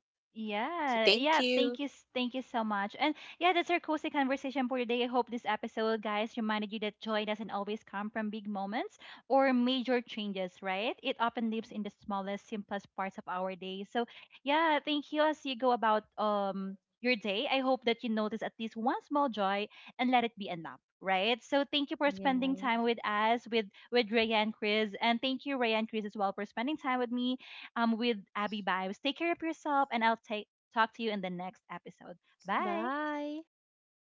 S3: So
S1: Yeah,
S3: thank
S1: yeah.
S3: you.
S1: Thank you, s- thank you so much. And yeah, that's our cozy conversation for today. I hope this episode, guys, reminded you that joy doesn't always come from big moments or major changes, right? It often lives in the smallest, simplest parts of our day. So yeah, thank you. As you go about um your day, I hope that you notice at least one small joy and let it be enough. Right. So thank you for spending
S2: Yes.
S1: time with us, with with Ray and Chris. And thank you, Ray and Chris, as well for spending time with me, um, with Abby Vibes. Take care of yourself, and I'll take talk to you in the next episode. Bye.
S2: Bye.
S3: Bye.